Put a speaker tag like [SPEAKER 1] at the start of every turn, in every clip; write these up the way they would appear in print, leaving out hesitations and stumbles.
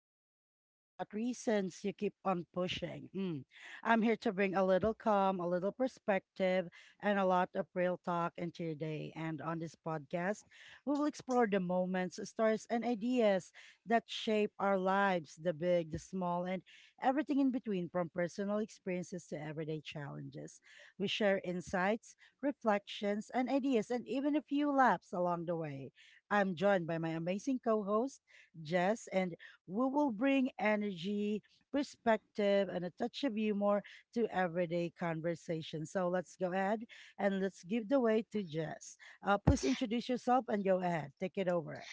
[SPEAKER 1] Our topic is about reasons you keep on pushing. Mm. I'm here to bring a little calm, a little perspective, and a lot of real talk into your day. And on this podcast, we will explore the moments, stories, and ideas that shape our lives the big, the small, and everything in between from personal experiences to everyday challenges. We share insights, reflections, and ideas, and even a few laughs along the way. I'm joined by my amazing co host, Jess, and we will bring energy, perspective, and a touch of humor to everyday conversation. So let's go ahead and let's give the way to Jess. Please introduce yourself and go ahead. Take it over.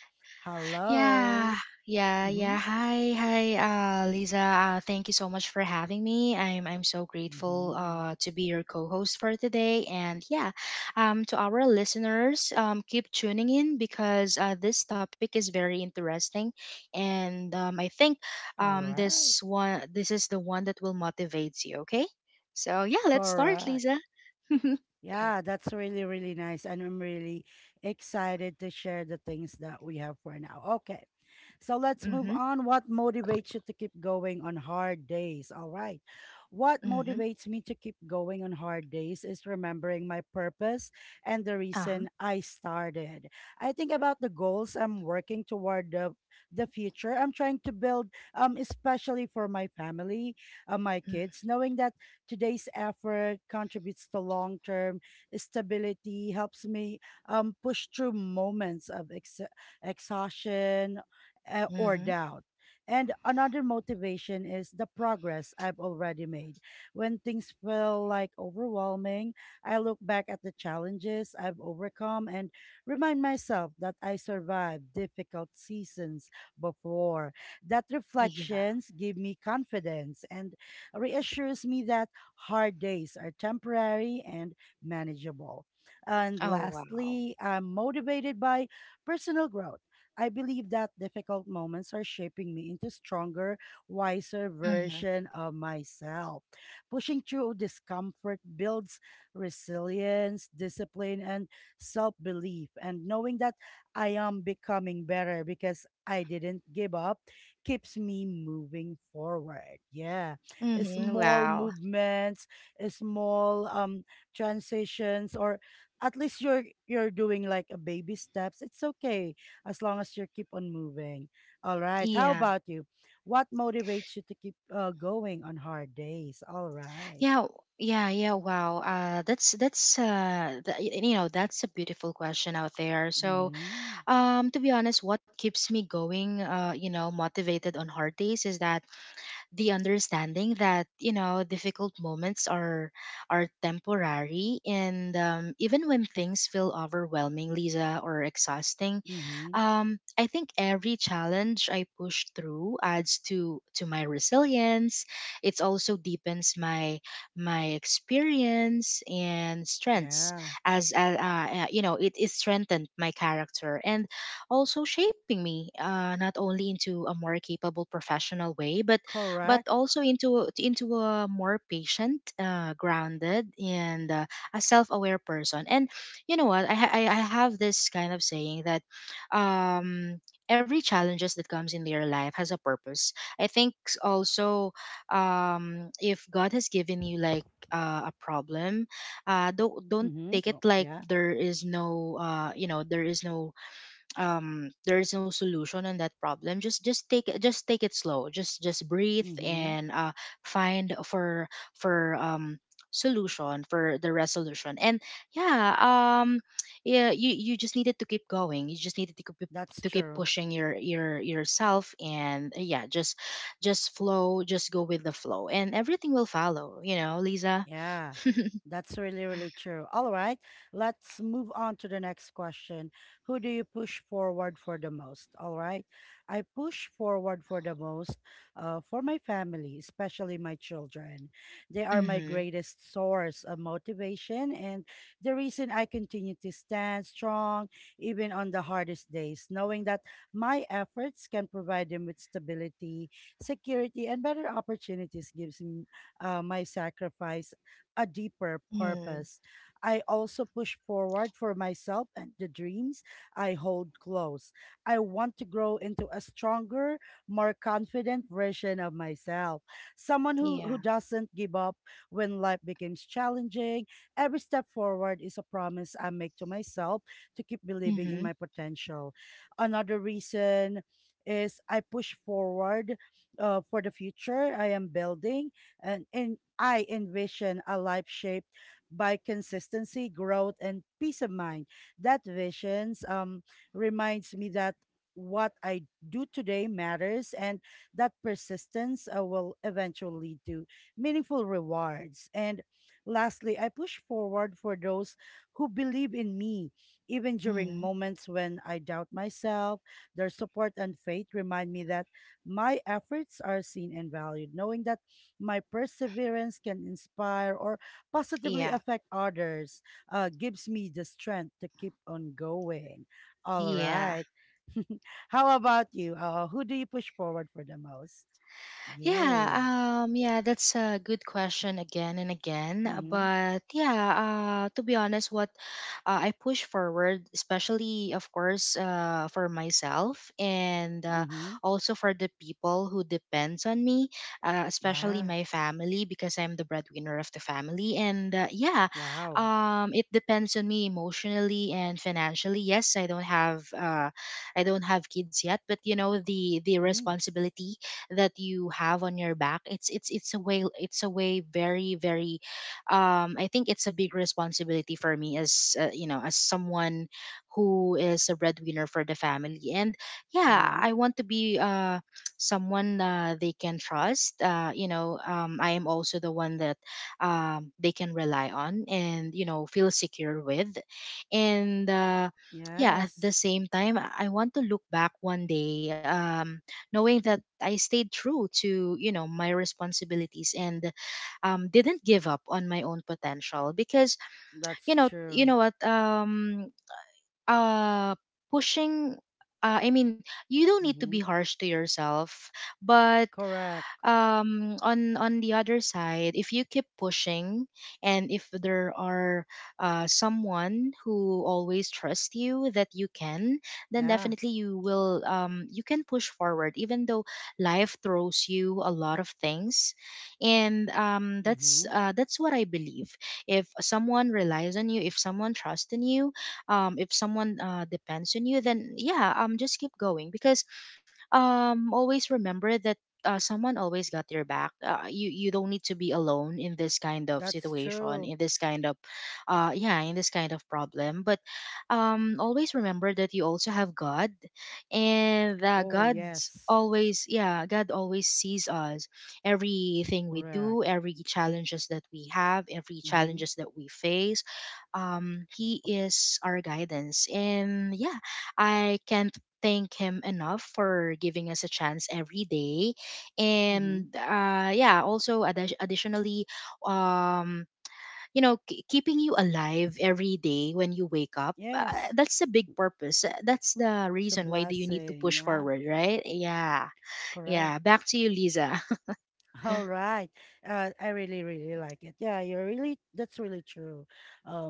[SPEAKER 2] Yeah,
[SPEAKER 1] Hello.
[SPEAKER 2] yeah,
[SPEAKER 1] Mm-hmm.
[SPEAKER 2] yeah. Hi, Lisa. Thank you so much for having me. I'm so grateful
[SPEAKER 1] Mm-hmm.
[SPEAKER 2] to be your co-host for today. And to our listeners, keep tuning in because this topic is very interesting, and I think
[SPEAKER 1] All right.
[SPEAKER 2] this is the one that will motivate you. Okay, so yeah, let's start,
[SPEAKER 1] Correct.
[SPEAKER 2] Lisa. mm-hmm,
[SPEAKER 1] Yeah, that's really, really nice. And I'm really excited to share the things that we have for now. Okay. So let's move on. What motivates you to keep going on hard days? All right. What
[SPEAKER 2] mm-hmm,
[SPEAKER 1] motivates me to keep going on hard days is remembering my purpose and the reason
[SPEAKER 2] uh-huh,
[SPEAKER 1] I started. I think about the goals I'm working toward the future. I'm trying to build, especially for my family, my
[SPEAKER 2] mm-hmm.
[SPEAKER 1] kids, knowing that today's effort contributes to long term stability, helps me push through moments of exhaustion or
[SPEAKER 2] Mm-hmm.
[SPEAKER 1] doubt. And another motivation is the progress I've already made. When things feel like overwhelming, I look back at the challenges I've overcome and remind myself that I survived difficult seasons before. That
[SPEAKER 2] Yeah.
[SPEAKER 1] reflections give me confidence and reassures me that hard days are temporary and manageable. And
[SPEAKER 2] Oh wow.
[SPEAKER 1] lastly, I'm motivated by personal growth. I believe that difficult moments are shaping me into stronger, wiser
[SPEAKER 2] Mm-hmm.
[SPEAKER 1] version of myself. Pushing through discomfort builds resilience, discipline, and self-belief. And knowing that I am becoming better because I didn't give up keeps me moving forward. Yeah,
[SPEAKER 2] Mhm,
[SPEAKER 1] small
[SPEAKER 2] wow.
[SPEAKER 1] movements, small transitions, or at least you're doing like a baby steps. It's okay as long as you keep on moving. All right. How
[SPEAKER 2] Yeah.
[SPEAKER 1] about you? What motivates you to keep going on hard days? All right.
[SPEAKER 2] Yeah. Yeah, yeah, wow. That's a beautiful question out there. So,
[SPEAKER 1] Mm-hmm.
[SPEAKER 2] to be honest, what keeps me going motivated on hard days is that the understanding that difficult moments are temporary and even when things feel overwhelming, Lisa, or exhausting.
[SPEAKER 1] Mm-hmm.
[SPEAKER 2] I think every challenge I push through adds to my resilience. It also deepens my experience and strengths
[SPEAKER 1] Yeah.
[SPEAKER 2] as it, it strengthened my character and also shaping me not only into a more capable professional way but
[SPEAKER 1] Correct.
[SPEAKER 2] also into a more patient, grounded, and a self-aware person. And you know what? I have this kind of saying that um, every challenges that comes in your life has a purpose. I think also, if God has given you like a problem, don't
[SPEAKER 1] Mm-hmm.
[SPEAKER 2] take
[SPEAKER 1] Oh,
[SPEAKER 2] it like
[SPEAKER 1] yeah.
[SPEAKER 2] there is no there is no there is no solution on that problem. Just take it slow. Just breathe
[SPEAKER 1] Mm-hmm.
[SPEAKER 2] and find for for um solution, for the resolution. And yeah um yeah, you just needed to keep going. You just needed to keep
[SPEAKER 1] That's
[SPEAKER 2] to keep
[SPEAKER 1] true.
[SPEAKER 2] pushing yourself, and yeah, just flow, just go with the flow, and everything will follow, you know, Lisa.
[SPEAKER 1] Yeah, that's really, really true. All right, let's move on to the next question. Who do you push forward for the most? All right, I push forward for the most for my family, especially my children. They are my
[SPEAKER 2] Mm-hmm.
[SPEAKER 1] greatest source of motivation and the reason I continue to stand strong even on the hardest days, knowing that my efforts can provide them with stability, security, and better opportunities gives me my sacrifice a deeper
[SPEAKER 2] Mm.
[SPEAKER 1] purpose. I also push forward for myself and the dreams I hold close. I want to grow into a stronger, more confident version of myself. Someone who
[SPEAKER 2] Yeah.
[SPEAKER 1] doesn't give up when life becomes challenging. Every step forward is a promise I make to myself to keep believing in
[SPEAKER 2] Mm-hmm.
[SPEAKER 1] my potential. Another reason is I push forward for the future I am building and I envision a life shaped by consistency, growth, and peace of mind. That visions reminds me that what I do today matters and that persistence will eventually lead to meaningful rewards. And lastly, I push forward for those who believe in me, even during
[SPEAKER 2] Mm-hmm.
[SPEAKER 1] moments when I doubt myself. Their support and faith remind me that my efforts are seen and valued, knowing that my perseverance can inspire or positively
[SPEAKER 2] Yeah,
[SPEAKER 1] affect others, gives me the strength to keep on going. All
[SPEAKER 2] yeah.
[SPEAKER 1] right. How about you? Who do you push forward for the most? Yay.
[SPEAKER 2] Yeah, yeah, that's a good question again and again.
[SPEAKER 1] Mm-hmm.
[SPEAKER 2] But yeah, to be honest, what I push forward, especially of course for myself, and
[SPEAKER 1] Mm-hmm.
[SPEAKER 2] also for the people who depends on me, especially
[SPEAKER 1] Yeah.
[SPEAKER 2] my family, because I'm the breadwinner of the family. And yeah,
[SPEAKER 1] Wow.
[SPEAKER 2] it depends on me emotionally and financially. Yes, I don't have kids yet, but you know, the
[SPEAKER 1] Mm,
[SPEAKER 2] responsibility that you have on your back, it's a way, very very I think it's a big responsibility for me as you know, as someone who is a breadwinner for the family. And yeah,
[SPEAKER 1] mm-hmm.
[SPEAKER 2] I want to be someone they can trust, you know, I am also the one that they can rely on, and you know, feel secure with. And yeah at
[SPEAKER 1] Yes.
[SPEAKER 2] the same time, I want to look back one day, knowing that I stayed true to, you know, my responsibilities, and didn't give up on my own potential. Because
[SPEAKER 1] That's
[SPEAKER 2] you know
[SPEAKER 1] true.
[SPEAKER 2] you know what, uh pushing, I mean, you don't need to be
[SPEAKER 1] Mm-hmm.
[SPEAKER 2] harsh to yourself, but
[SPEAKER 1] Correct.
[SPEAKER 2] on the other side, if you keep pushing, and if there are someone who always trusts you that you can, then
[SPEAKER 1] Yeah.
[SPEAKER 2] definitely you will, you can push forward even though life throws you a lot of things. And
[SPEAKER 1] Mm-hmm.
[SPEAKER 2] that's what I believe. If someone relies on you, if someone trusts in you, if someone depends on you, then yeah, just keep going. Because always remember that someone always got your back, you you don't need to be alone in this kind of
[SPEAKER 1] That's
[SPEAKER 2] situation,
[SPEAKER 1] true.
[SPEAKER 2] in this kind of yeah in this kind of problem. But always remember that you also have God, and that
[SPEAKER 1] Oh,
[SPEAKER 2] God's
[SPEAKER 1] yes.
[SPEAKER 2] always, yeah, God always sees us everything we
[SPEAKER 1] Correct.
[SPEAKER 2] do, every challenges that we have, every
[SPEAKER 1] Mm-hmm.
[SPEAKER 2] challenges that we face. He is our guidance, and yeah, I can thank him enough for giving us a chance every day.
[SPEAKER 1] Mm-hmm.
[SPEAKER 2] And also, additionally, um you know, keeping you alive every day when you wake up,
[SPEAKER 1] Yes.
[SPEAKER 2] that's the big purpose. That's the
[SPEAKER 1] It's a
[SPEAKER 2] reason why do you need to
[SPEAKER 1] blessing.
[SPEAKER 2] push
[SPEAKER 1] Yeah,
[SPEAKER 2] forward, right? Yeah,
[SPEAKER 1] correct.
[SPEAKER 2] yeah, back to you, Lisa.
[SPEAKER 1] All right. I really, really like it. Yeah, you're really, that's really true.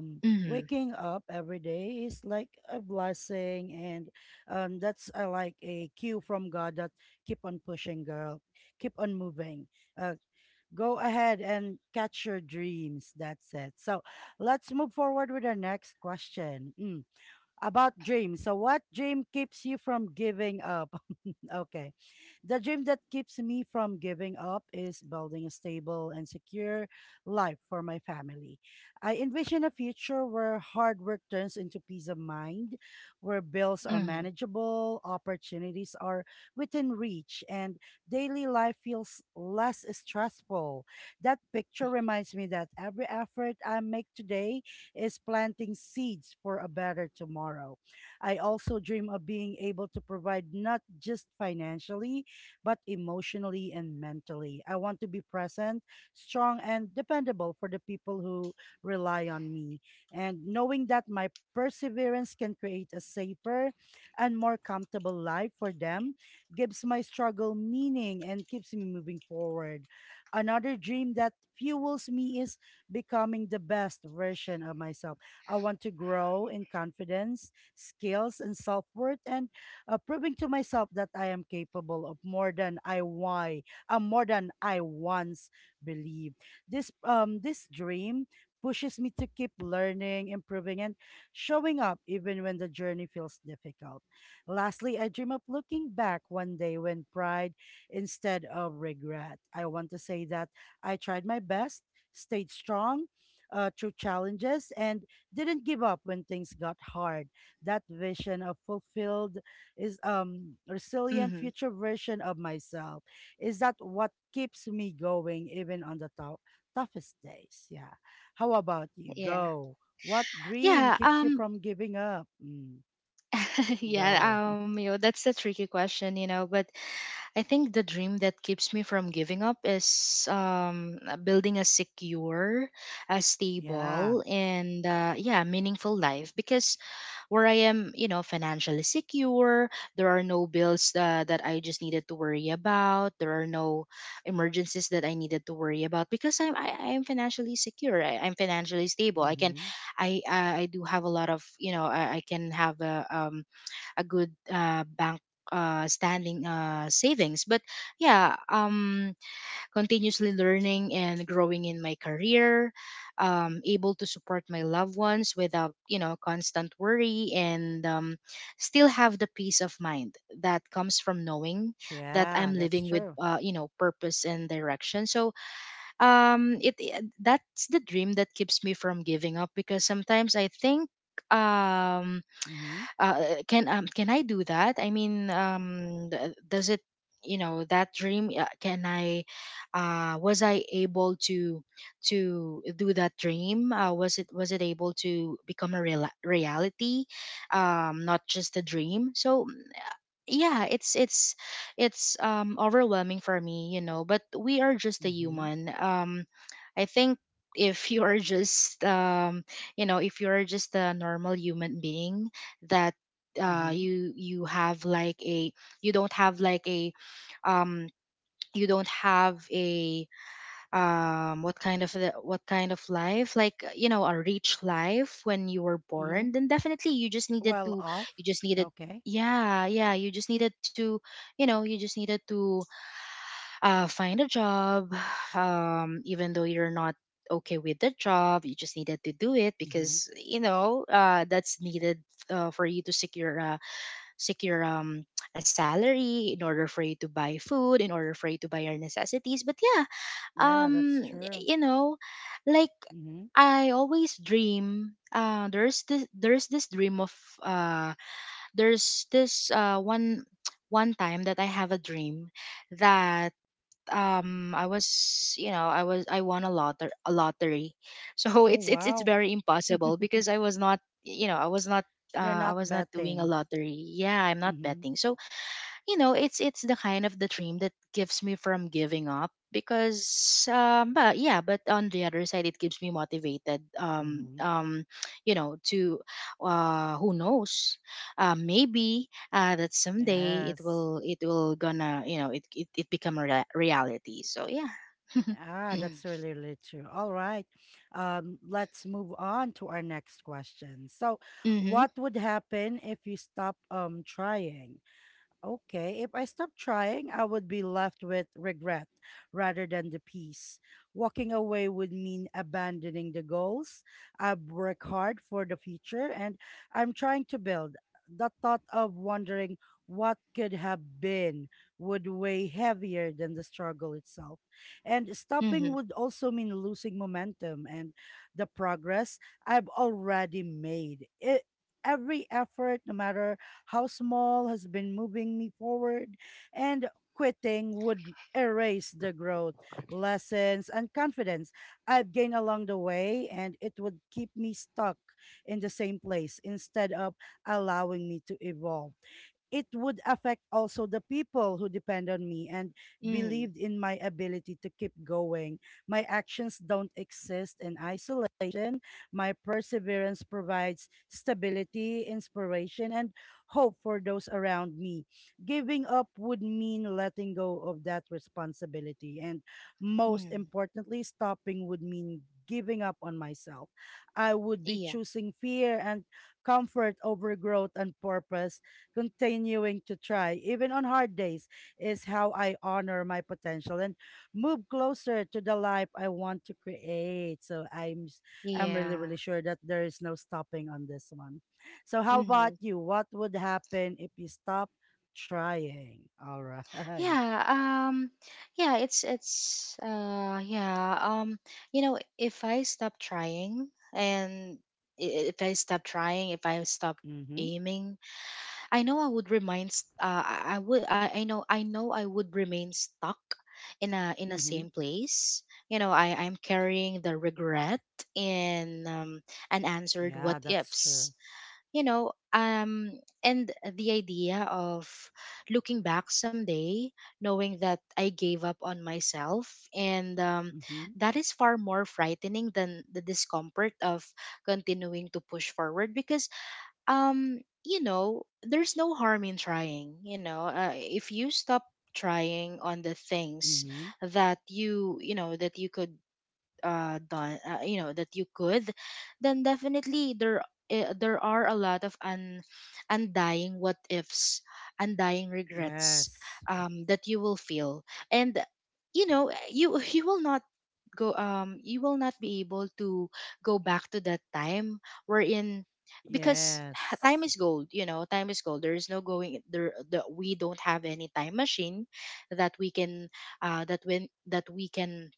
[SPEAKER 2] Mhm.
[SPEAKER 1] waking up every day is like a blessing. And that's like a cue from God that keep on pushing, girl. Keep on moving. Uh, go ahead and catch your dreams. That's it. So let's move forward with our next question. Mm. About dreams. So, what dream keeps you from giving up? Okay. The dream that keeps me from giving up is building a stable and secure life for my family. I envision a future where hard work turns into peace of mind, where bills are
[SPEAKER 2] Mhm.
[SPEAKER 1] manageable, opportunities are within reach, and daily life feels less stressful. That picture reminds me that every effort I make today is planting seeds for a better tomorrow. I also dream of being able to provide not just financially, but emotionally and mentally. I want to be present, strong, and dependable for the people who rely on me. And knowing that my perseverance can create a safer and more comfortable life for them gives my struggle meaning and keeps me moving forward. Another dream that fuels me is becoming the best version of myself. I want to grow in confidence, skills, and self worth, and proving to myself that I am capable of more than more than I once believed. This dream pushes me to keep learning, improving, and showing up even when the journey feels difficult. Lastly, I dream of looking back one day when pride instead of regret. I want to say that I tried my best, stayed strong through challenges, and didn't give up when things got hard. That vision of fulfilled is resilient
[SPEAKER 2] Mhm.
[SPEAKER 1] future version of myself. Is that what keeps me going even on the toughest days? Yeah. How about you?
[SPEAKER 2] Yeah.
[SPEAKER 1] Go. What dream
[SPEAKER 2] yeah
[SPEAKER 1] keeps you
[SPEAKER 2] um
[SPEAKER 1] from giving up? Mm,
[SPEAKER 2] yeah,
[SPEAKER 1] go. Mm,
[SPEAKER 2] you know, that's a tricky question, you know. But I think the dream that keeps me from giving up is building a secure, a
[SPEAKER 1] yeah.
[SPEAKER 2] stable, and yeah, meaningful life. Because where I am, you know, financially secure, there are no bills that I just needed to worry about. There are no emergencies that I needed to worry about, because I am financially secure. I'm financially stable. I can,
[SPEAKER 1] Mm-hmm.
[SPEAKER 2] I do have a lot of, you know, I can have a good bank standing, savings. But yeah, continuously learning and growing in my career, able to support my loved ones without, you know, constant worry, and still have the peace of mind that comes from knowing that
[SPEAKER 1] Yeah,
[SPEAKER 2] I'm
[SPEAKER 1] that's
[SPEAKER 2] living with,
[SPEAKER 1] true.
[SPEAKER 2] you know, purpose and direction. So, that's the dream that keeps me from giving up. Because sometimes I think, um
[SPEAKER 1] Mm-hmm.
[SPEAKER 2] can, can I do that? I mean, does it, you know, that dream, can I? Was I able to do that dream? Was it able to become a reality, not just a dream? So yeah, it's overwhelming for me, you know. But we are just a
[SPEAKER 1] Mm-hmm.
[SPEAKER 2] human, I think, if you are just, you know, if you are just a normal human being, that
[SPEAKER 1] Mm-hmm.
[SPEAKER 2] you you have like a, you don't have like a, um you don't have a, what kind of life like, you know, a rich life when you were
[SPEAKER 1] Mm-hmm.
[SPEAKER 2] born, then definitely you just needed
[SPEAKER 1] Well
[SPEAKER 2] to,
[SPEAKER 1] off.
[SPEAKER 2] you just needed,
[SPEAKER 1] Okay.
[SPEAKER 2] yeah yeah, you just needed to, you know, you just needed to find a job. Even though you're not okay with the job, you just needed to do it,
[SPEAKER 1] Mhm.
[SPEAKER 2] because you know, that's needed for you to secure a salary, in order for you to buy food, in order for you to buy your necessities. But yeah,
[SPEAKER 1] Yeah,
[SPEAKER 2] um
[SPEAKER 1] that's true.
[SPEAKER 2] you know, like,
[SPEAKER 1] Mhm.
[SPEAKER 2] I always dream. There's this dream of uh, there's this one one time that I have a dream that, I was, you know, I won a lotter a lottery. So
[SPEAKER 1] Oh,
[SPEAKER 2] it's, it's
[SPEAKER 1] wow.
[SPEAKER 2] very impossible, because I was not, you know,
[SPEAKER 1] You're
[SPEAKER 2] I
[SPEAKER 1] not
[SPEAKER 2] was not doing a
[SPEAKER 1] betting.
[SPEAKER 2] lottery. Yeah, I'm not
[SPEAKER 1] Mhm.
[SPEAKER 2] betting. So you know, it's the kind of the dream that gives me from giving up. Because but yeah, but on the other side, it keeps me motivated.
[SPEAKER 1] Mhm.
[SPEAKER 2] You know, to who knows, maybe that someday it
[SPEAKER 1] Yes.
[SPEAKER 2] will, it will gonna, you know, it become a reality. So yeah.
[SPEAKER 1] Ah, that's really, really true. All right. Let's move on to our next question. So,
[SPEAKER 2] Mm-hmm.
[SPEAKER 1] what would happen if you stop trying? Okay, if I stopped trying, I would be left with regret rather than the peace. Walking away would mean abandoning the goals I've worked hard for the future and I'm trying to build. The thought of wondering what could have been would weigh heavier than the struggle itself. And stopping
[SPEAKER 2] Mm-hmm.
[SPEAKER 1] would also mean losing momentum and the progress I've already made. Every effort, no matter how small has been moving me forward, and quitting would erase the growth, lessons, and confidence I've gained along the way, and it would keep me stuck in the same place instead of allowing me to evolve it would affect also the people who depend on me and
[SPEAKER 2] Hmm.
[SPEAKER 1] believed in my ability to keep going. My actions don't exist in isolation. My perseverance provides stability, inspiration, and hope for those around me. Giving up would mean letting go of that responsibility. And most
[SPEAKER 2] Hmm.
[SPEAKER 1] importantly, stopping would mean giving up on myself. I would be
[SPEAKER 2] Yeah.
[SPEAKER 1] choosing fear and comfort over growth and purpose continuing to try, even on hard days, is how I honor my potential and move closer to the life I want to create. So I'm really,
[SPEAKER 2] Yeah.
[SPEAKER 1] really sure that there is no stopping on this one. So how about
[SPEAKER 2] Mm-hmm.
[SPEAKER 1] you? What would happen if you stop trying? All right.
[SPEAKER 2] Yeah, yeah, it's yeah, you know, if I stop trying, and i- if I stop trying, if I stop
[SPEAKER 1] Mm-hmm.
[SPEAKER 2] aiming, I know I would remain I I know I would remain stuck in a
[SPEAKER 1] Mm-hmm.
[SPEAKER 2] same place. I'm carrying the regret and unanswered
[SPEAKER 1] Yeah,
[SPEAKER 2] what
[SPEAKER 1] that's true.
[SPEAKER 2] ifs you know um and the idea of looking back someday knowing that I gave up on myself and
[SPEAKER 1] Mm-hmm.
[SPEAKER 2] that is far more frightening than the discomfort of continuing to push forward because there's no harm in trying. If you stop trying on the things
[SPEAKER 1] Mm-hmm.
[SPEAKER 2] that that you could done, that you could, then definitely there, there are a lot of undying what ifs, undying regrets
[SPEAKER 1] Yes.
[SPEAKER 2] that you will feel. And you you will not go, you will not be able to go back to that time wherein, because time
[SPEAKER 1] Yes.
[SPEAKER 2] is gold. Time is gold. There is no going there. We don't have any time machine that we can, that when that we can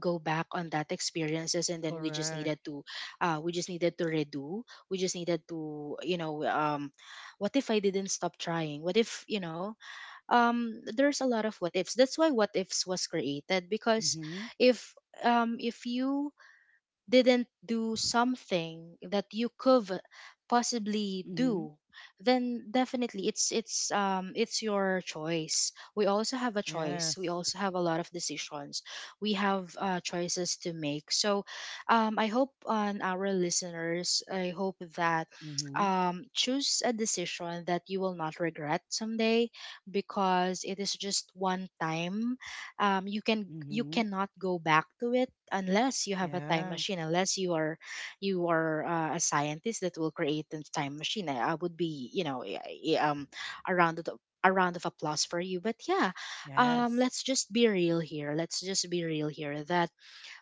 [SPEAKER 2] go back on that experiences, and then we just
[SPEAKER 1] Correct.
[SPEAKER 2] needed to, we just needed to redo. We just needed to What if I didn't stop trying? What if, there's a lot of what ifs? That's why what ifs was created, because
[SPEAKER 1] Mm-hmm.
[SPEAKER 2] if, if you didn't do something that you could possibly
[SPEAKER 1] Mm-hmm.
[SPEAKER 2] do, then definitely it's your choice. We also have a choice, we
[SPEAKER 1] Yes.
[SPEAKER 2] also have a lot of decisions, we have choices to make. So, I hope on our listeners, I hope that,
[SPEAKER 1] Mm-hmm.
[SPEAKER 2] choose a decision that you will not regret someday, because it is just one time. You can, you
[SPEAKER 1] Mm-hmm.
[SPEAKER 2] cannot go back to it unless you have a time
[SPEAKER 1] Yeah.
[SPEAKER 2] machine, unless you are, you are a scientist that will create a time machine. I would be, you know, a round of, a round of applause for you. But yeah,
[SPEAKER 1] Yes.
[SPEAKER 2] let's just be real here, let's just be real here, that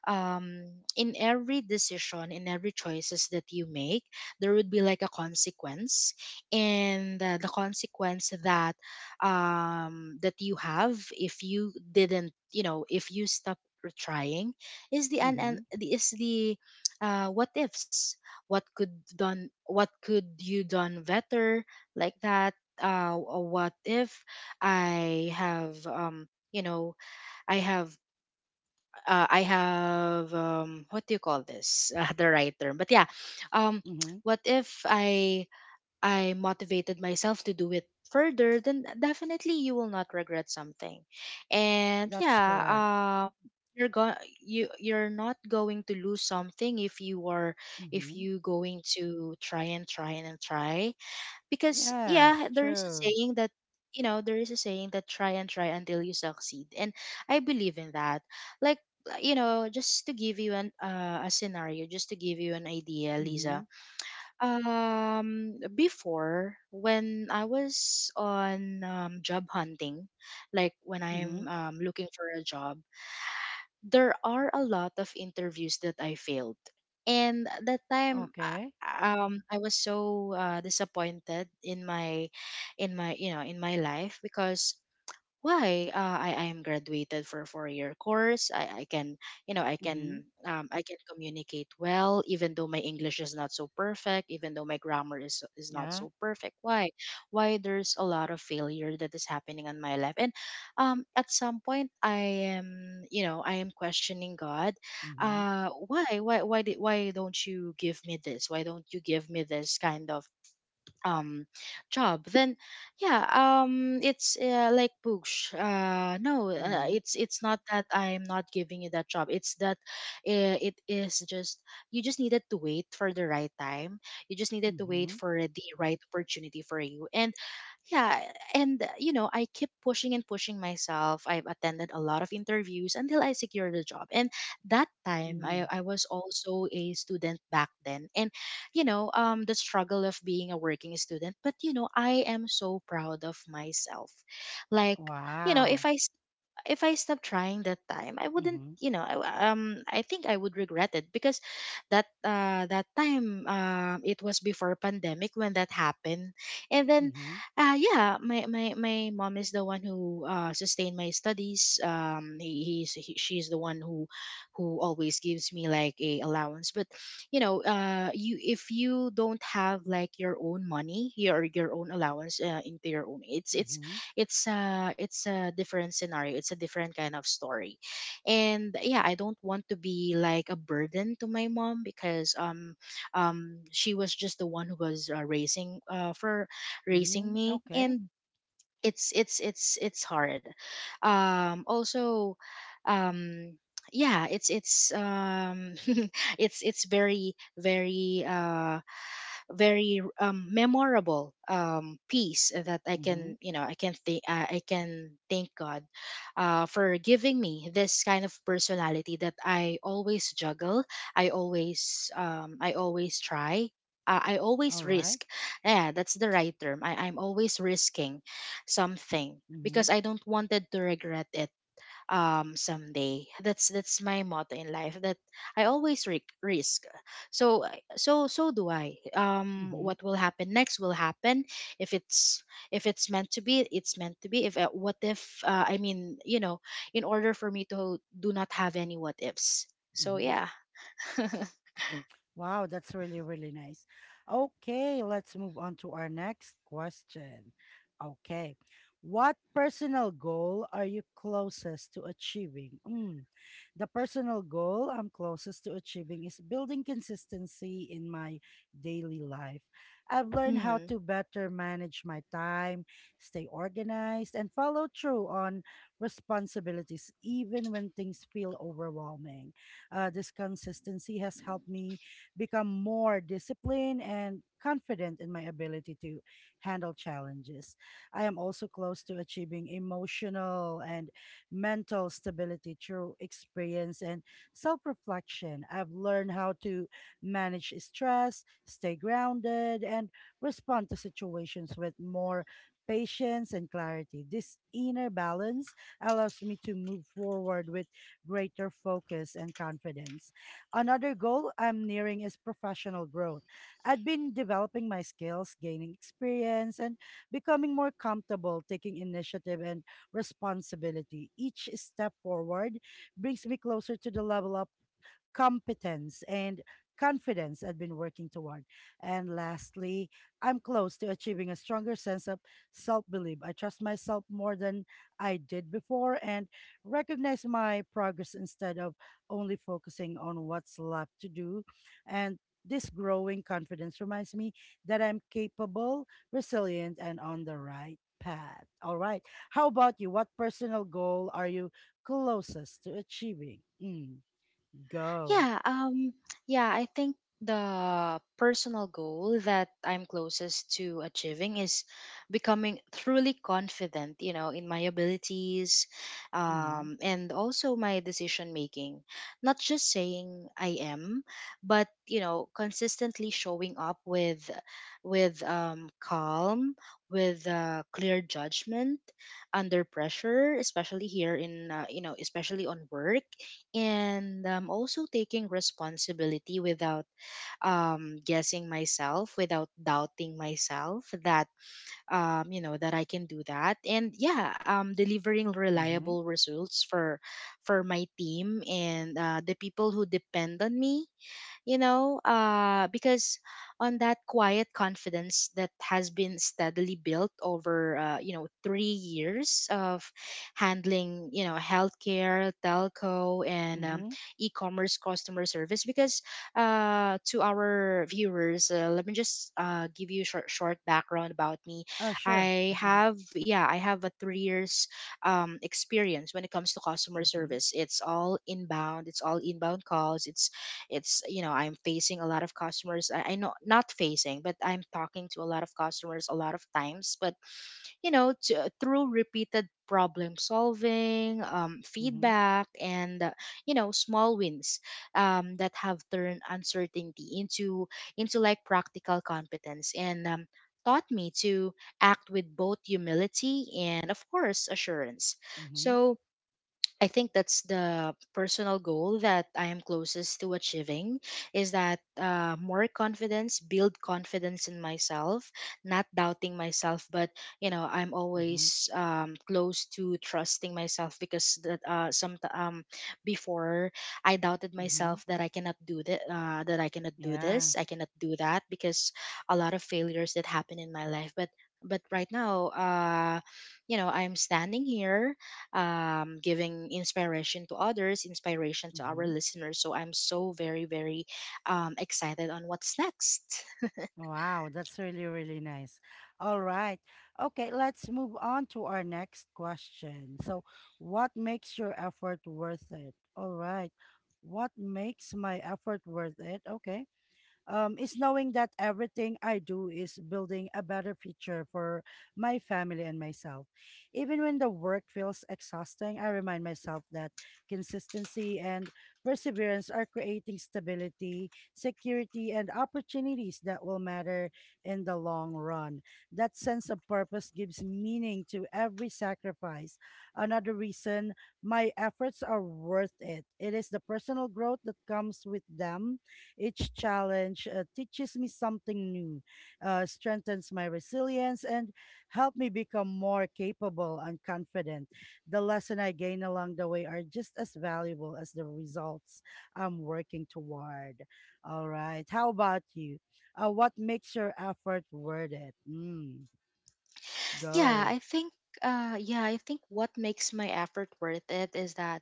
[SPEAKER 2] um, in every decision, in every choices that you make, there would be like a consequence. And the consequence that that you have, if you didn't, you know, if you stop trying, is the,
[SPEAKER 1] Mm-hmm.
[SPEAKER 2] is the what ifs, what could done, what could you done better, like that. What if I have, you know, I have, I have, what do you call this? The right term, but yeah. Um,
[SPEAKER 1] Mm-hmm.
[SPEAKER 2] what if I motivated myself to do it further? Then definitely you will not regret something, and
[SPEAKER 1] That's
[SPEAKER 2] yeah.
[SPEAKER 1] correct.
[SPEAKER 2] You're going, you're not going to lose something if you are, if
[SPEAKER 1] Mm-hmm.
[SPEAKER 2] you going to try and try and try, because
[SPEAKER 1] Yes,
[SPEAKER 2] yeah, there is a
[SPEAKER 1] true.
[SPEAKER 2] saying that, you know, there is a saying that try and try until you succeed, and I believe in that, like, you know, just to give you an a scenario, just to give you an idea,
[SPEAKER 1] Mm-hmm.
[SPEAKER 2] Lisa. Um, before, when I was on, job hunting, like when
[SPEAKER 1] Mm-hmm.
[SPEAKER 2] I'm, looking for a job, there are a lot of interviews that I failed. And at that time
[SPEAKER 1] Okay.
[SPEAKER 2] I was so, disappointed in my, in my, you know, in my life, because why, I am graduated for a 4 year course. I can, you know, I
[SPEAKER 1] Mm-hmm.
[SPEAKER 2] can, I can communicate well, even though my English is not so perfect, even though my grammar is not
[SPEAKER 1] Yeah.
[SPEAKER 2] so perfect. Why there's a lot of failure that is happening in my life, and at some point I am, you know, I am questioning God.
[SPEAKER 1] Mm-hmm.
[SPEAKER 2] Why, why don't you give me this? Why don't you give me this kind of um job, then yeah, it's, like push,
[SPEAKER 1] Mm-hmm.
[SPEAKER 2] it's not that I'm not giving you that job, it's that, it is just, you just needed to wait for the right time, you just needed to wait
[SPEAKER 1] Mm-hmm.
[SPEAKER 2] for the right opportunity for you, and yeah. And you know, I keep pushing and pushing myself, I've attended a lot of interviews until I secured a job. And that time
[SPEAKER 1] Mm-hmm.
[SPEAKER 2] I was also a student back then. And you know, the struggle of being a working student, but you know, I am so proud of myself. Like, you know, if
[SPEAKER 1] Wow.
[SPEAKER 2] I, if I stopped trying that time, I wouldn't,
[SPEAKER 1] Mm-hmm.
[SPEAKER 2] you know, I think I would regret it. Because that time, it was before pandemic when that happened, and then,
[SPEAKER 1] Mm-hmm.
[SPEAKER 2] yeah, my mom is the one who sustained my studies. She's the one who always gives me like a allowance. But you know, you, if you don't have like your own money, your own allowance, into your own,
[SPEAKER 1] Mm-hmm.
[SPEAKER 2] it's a, it's a different scenario, it's a different kind of story. And yeah, I don't want to be like a burden to my mom, because she was just the one who was, raising for raising
[SPEAKER 1] Mm-hmm.
[SPEAKER 2] me.
[SPEAKER 1] Okay.
[SPEAKER 2] And it's hard. Um, also, um, yeah, it's it's very, very, memorable, piece that I
[SPEAKER 1] Mm-hmm.
[SPEAKER 2] can, you know, I can think, I can thank God for giving me this kind of personality, that I always juggle, I always, I always try, I
[SPEAKER 1] All
[SPEAKER 2] always
[SPEAKER 1] right.
[SPEAKER 2] risk, yeah, that's the right term. I'm always risking something,
[SPEAKER 1] Mm-hmm.
[SPEAKER 2] because I don't wanted to regret it someday. That's my motto in life, that risk. So, so so do I,
[SPEAKER 1] Mm-hmm.
[SPEAKER 2] what will happen next will happen. If it's, if it's meant to be, it's meant to be. If, what if, I mean, you know, in order for me to do not have any what ifs. So yeah.
[SPEAKER 1] Wow, that's really, really nice. Okay, let's move on to our next question. Okay. What personal goal are you closest to achieving? Mm. The personal goal I'm closest to achieving is building consistency in my daily life. I've learned how
[SPEAKER 2] Mhm.
[SPEAKER 1] to better manage my time, stay organized, and follow through on responsibilities, even when things feel overwhelming. This consistency has helped me become more disciplined and confident in my ability to handle challenges. I am also close to achieving emotional and mental stability through experience and self reflection. I've learned how to manage stress, stay grounded, and respond to situations with more patience and clarity. This inner balance allows me to move forward with greater focus and confidence. Another goal I'm nearing is professional growth. I've been developing my skills, gaining experience, and becoming more comfortable taking initiative and responsibility. Each step forward brings me closer to the level up competence, and confidence I've been working toward. And lastly, I'm close to achieving a stronger sense of self belief. I trust myself more than I did before and recognize my progress instead of only focusing on what's left to do. And this growing confidence reminds me that I'm capable, resilient, and on the right path. All right. How about you? What personal goal are you closest to achieving? Mm, go.
[SPEAKER 2] Yeah, um, yeah, I think the personal goal that I'm closest to achieving is becoming truly confident, you know, in my abilities,
[SPEAKER 1] Mhm,
[SPEAKER 2] and also my decision making. Not just saying I am, but you know, consistently showing up with, calm, with clear judgment under pressure, especially here in, you know, especially on work. And also taking responsibility without, guessing myself, without doubting myself, that, you know, that I can do that. And yeah, delivering
[SPEAKER 1] mhm,
[SPEAKER 2] reliable results for my team and the people who depend on me. You know, because on that quiet confidence that has been steadily built over, you know, 3 years of handling, you know, healthcare, telco, and
[SPEAKER 1] mhm.
[SPEAKER 2] e-commerce customer service. Because to our viewers, let me just give you short, short background about me.
[SPEAKER 1] Oh, sure.
[SPEAKER 2] I
[SPEAKER 1] Mhm,
[SPEAKER 2] have, yeah, I have a 3 years, experience when it comes to customer
[SPEAKER 1] mhm,
[SPEAKER 2] service. It's all inbound. It's all inbound calls. It's you know, I'm facing a lot of customers. I know, not facing, but I'm talking to a lot of customers a lot of times. But you know, through repeated problem solving,
[SPEAKER 1] mhm,
[SPEAKER 2] feedback and you know, small wins, that have turned uncertainty into like practical competence. And taught me to act with both humility and of course assurance.
[SPEAKER 1] mhm,
[SPEAKER 2] So I think that's the personal goal that I am closest to achieving, is that, more confidence, build confidence in myself, not doubting myself. But you know, I'm
[SPEAKER 1] mhm,
[SPEAKER 2] always, close to trusting myself, because that, some before, I doubted
[SPEAKER 1] mhm.
[SPEAKER 2] myself, that I cannot do that, that I cannot do
[SPEAKER 1] Yeah.
[SPEAKER 2] this, I cannot do that, because a lot of failures that happen in my life. But right now, uh, you know, I'm standing here, giving inspiration to others, inspiration to our
[SPEAKER 1] Mhm.
[SPEAKER 2] listeners. So I'm so very, very excited on what's next.
[SPEAKER 1] Wow, that's really, really nice. All right. Okay, let's move on to our next question. So, what makes your effort worth it? All right. What makes my effort worth it? Okay. Is knowing that everything I do is building a better future for my family and myself. Even when the work feels exhausting, I remind myself that consistency and perseverance are creating stability, security, and opportunities that will matter in the long run. That sense of purpose gives meaning to every sacrifice. Another reason my efforts are worth it. It is the personal growth that comes with them each challenge teaches me something new, strengthens my resilience, and help me become more capable and confident. The lesson I gain along the way are just as valuable as the results I'm working toward. All right. How about you? What makes your effort worth it? Mm,
[SPEAKER 2] Yeah,
[SPEAKER 1] go.
[SPEAKER 2] I think yeah, I think what makes my effort worth it is that,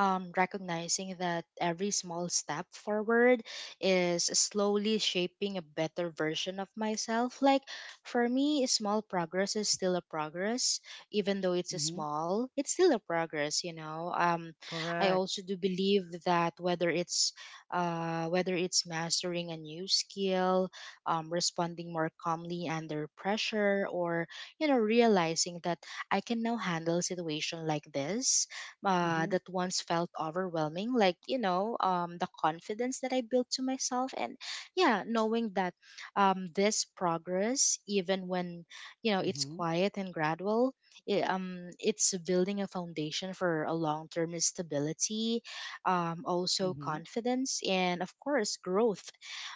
[SPEAKER 2] recognizing that every small step forward is slowly shaping a better version of myself. Like, for me, small progress is still a progress, even though it's a
[SPEAKER 1] Mm-hmm.
[SPEAKER 2] small, it's still a progress, you know. Um, I
[SPEAKER 1] Correct.
[SPEAKER 2] also do believe that whether it's, whether it's mastering a new skill, responding more calmly under pressure, or you know, realizing that I can now handle a situation like this
[SPEAKER 1] Mm-hmm.
[SPEAKER 2] that once felt overwhelming. Like you know, the confidence that I built to myself. And yeah, knowing that, this progress, even when, you know, it's
[SPEAKER 1] Mm-hmm.
[SPEAKER 2] quiet and gradual, it's building a foundation for a long-term stability, also
[SPEAKER 1] Mm-hmm.
[SPEAKER 2] confidence and of course growth,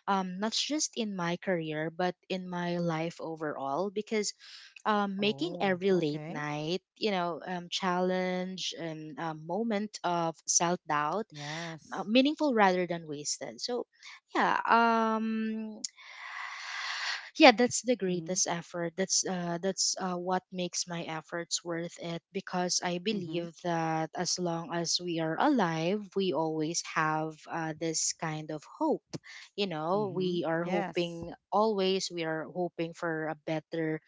[SPEAKER 2] not just in my career but in my life overall, because, making
[SPEAKER 1] Oh,
[SPEAKER 2] every late
[SPEAKER 1] okay.
[SPEAKER 2] night, you know, challenge and a moment of self doubt
[SPEAKER 1] Yes.
[SPEAKER 2] meaningful rather than wasted. So, yeah, yeah, that's the
[SPEAKER 1] Mm-hmm.
[SPEAKER 2] greatest effort, that's what makes my efforts worth it. Because I
[SPEAKER 1] Mm-hmm.
[SPEAKER 2] believe that as long as we are alive, we always have, this kind of hope. You know,
[SPEAKER 1] Mm-hmm.
[SPEAKER 2] we are
[SPEAKER 1] Yes.
[SPEAKER 2] hoping always, we are hoping for a better,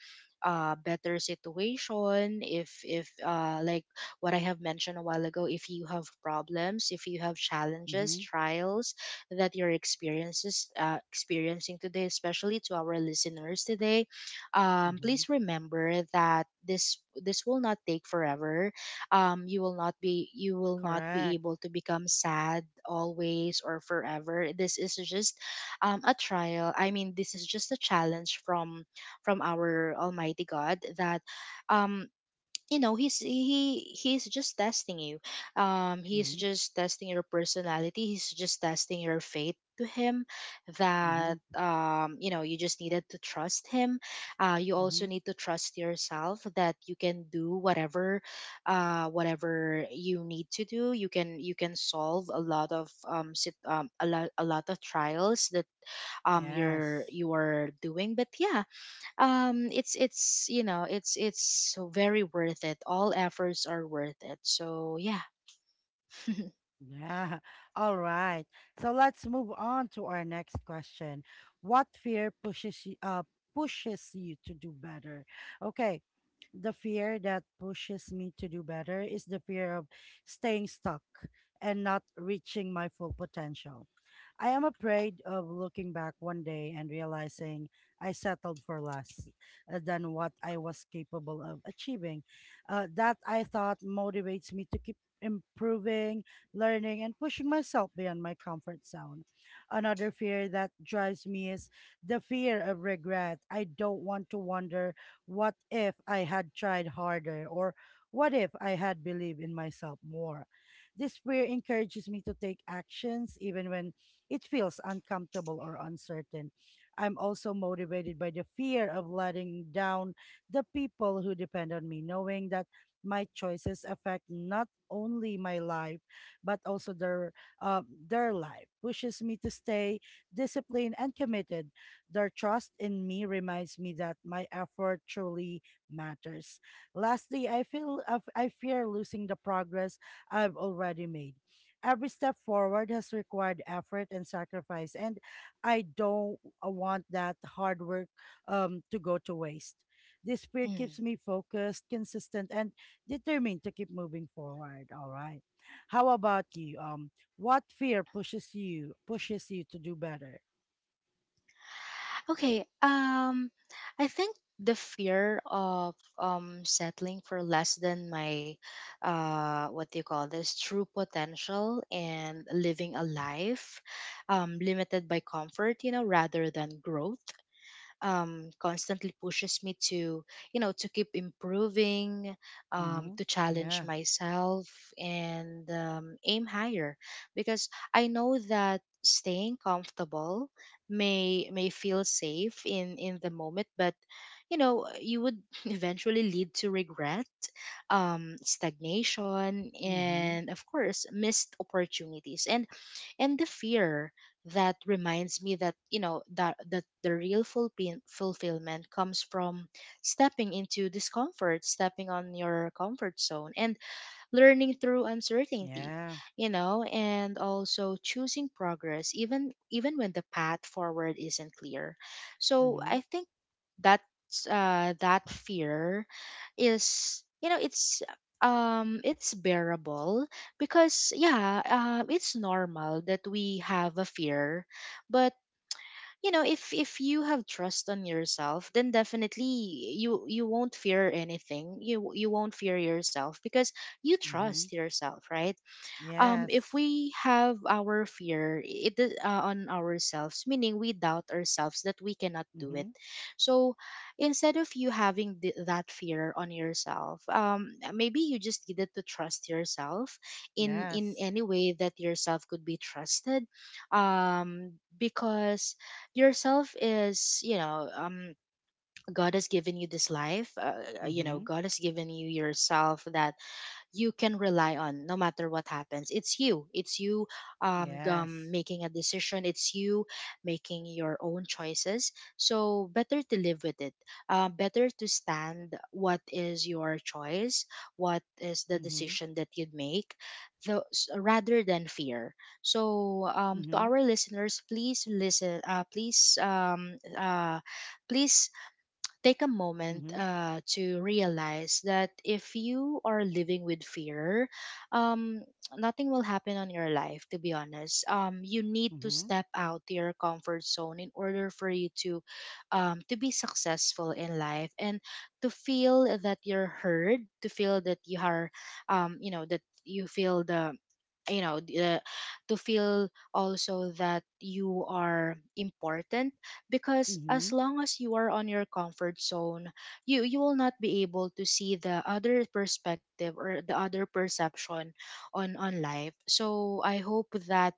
[SPEAKER 2] better situation. If, like what I have mentioned a while ago, if you have problems, if you have challenges,
[SPEAKER 1] Mhm,
[SPEAKER 2] trials, that you're experiences experiencing today, especially to our listeners today.
[SPEAKER 1] mhm.
[SPEAKER 2] Please remember that this will not take forever. You will not be
[SPEAKER 1] Correct.
[SPEAKER 2] able to become sad always or forever. This is just, a trial. I mean, this is just a challenge from our Almighty God, that, um, you know, he's just testing you, um, he's
[SPEAKER 1] Mhm,
[SPEAKER 2] just testing your personality, he's just testing your faith to him.
[SPEAKER 1] mhm,
[SPEAKER 2] That um, you know, you just needed to trust him, you also
[SPEAKER 1] mhm.
[SPEAKER 2] need to trust yourself, that you can do whatever, whatever you need to do. You can, you can solve a lot of, a lot, a lot of trials that, um,
[SPEAKER 1] Yes.
[SPEAKER 2] you are doing. But yeah, it's you know, it's very worth it. All efforts are worth it. So yeah.
[SPEAKER 1] Yeah. All right. So let's move on to our next question. What fear pushes you pushes you to do better? Okay. The fear that pushes me to do better is the fear of staying stuck and not reaching my full potential. I am afraid of looking back one day and realizing I settled for less than what I was capable of achieving. That I thought motivates me to keep improving, learning, and pushing myself beyond my comfort zone. Another fear that drives me is the fear of regret. I don't want to wander what if I had tried harder? Or what if I had believed in myself more? This fear encourages me to take actions even when it feels uncomfortable or uncertain. I'm also motivated by the fear of letting down the people who depend on me, knowing that my choices affect not only my life but also their life pushes me to stay disciplined and committed their trust in me reminds me that my effort truly matters. Lastly, I fear losing the progress I've already made. Every step forward has required effort and sacrifice, and I don't want that hard work to go to waste. This fear
[SPEAKER 2] Mm.
[SPEAKER 1] keeps me focused, consistent, and determined to keep moving forward. All right. How about you? What fear pushes you to do better?
[SPEAKER 2] Okay, I think the fear of settling for less than my what do you call this true potential and living a life limited by comfort, rather than growth, constantly pushes me to, to keep improving,
[SPEAKER 1] Mm-hmm.
[SPEAKER 2] to challenge
[SPEAKER 1] Yeah.
[SPEAKER 2] myself and aim higher, because I know that staying comfortable may feel safe in the moment, but you would eventually lead to regret, stagnation,
[SPEAKER 1] Mm-hmm.
[SPEAKER 2] and of course missed opportunities. And the fear that reminds me that the real fulfillment comes from stepping into discomfort, stepping on your comfort zone, and learning through uncertainty,
[SPEAKER 1] Yeah.
[SPEAKER 2] and also choosing progress, even when the path forward isn't clear. So
[SPEAKER 1] Mm-hmm.
[SPEAKER 2] I think that's that fear is, it's bearable, because yeah, it's normal that we have a fear. But if you have trust on yourself, then definitely you won't fear anything. You won't fear yourself, because you
[SPEAKER 1] Mm-hmm.
[SPEAKER 2] trust yourself, right? If
[SPEAKER 1] Yes.
[SPEAKER 2] we have our fear, it is, on ourselves, meaning we doubt ourselves, that we cannot do
[SPEAKER 1] Mm-hmm.
[SPEAKER 2] it. So instead of you having that fear on yourself, maybe you just needed to trust yourself in in
[SPEAKER 1] Yes.
[SPEAKER 2] any way that yourself could be trusted, because yourself is, you know, God has given you this life. You know,
[SPEAKER 1] Mm-hmm.
[SPEAKER 2] God has given you yourself, that you can rely on no matter what happens. It's you. It's you
[SPEAKER 1] Yes.
[SPEAKER 2] making a decision. It's you making your own choices. So better to live with it. Better to stand what is your choice, what is the
[SPEAKER 1] Mm-hmm.
[SPEAKER 2] decision that you'd make, rather than fear. So, to
[SPEAKER 1] Mm-hmm.
[SPEAKER 2] our listeners, please listen. Please please take a moment
[SPEAKER 1] Mm-hmm.
[SPEAKER 2] to realize that if you are living with fear, um, nothing will happen on your life, to be honest. You need to
[SPEAKER 1] Mm-hmm.
[SPEAKER 2] step out to your comfort zone in order for you to be successful in life, and to feel that you're heard, to feel that you are, that you feel the, you know d- uh, to feel also that you are important. Because as
[SPEAKER 1] Mm-hmm.
[SPEAKER 2] long as you are on your comfort zone, you will not be able to see the other perspective or the other perception on life, so I hope that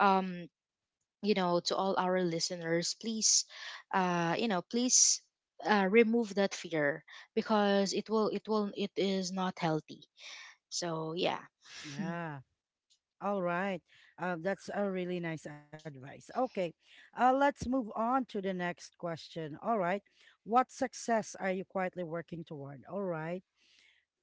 [SPEAKER 2] um to all our listeners, please, please, remove that fear, because it is not healthy. So yeah.
[SPEAKER 1] Yeah. All right. That's a really nice advice. Okay. Let's move on to the next question. All right. What success are you quietly working toward? All right.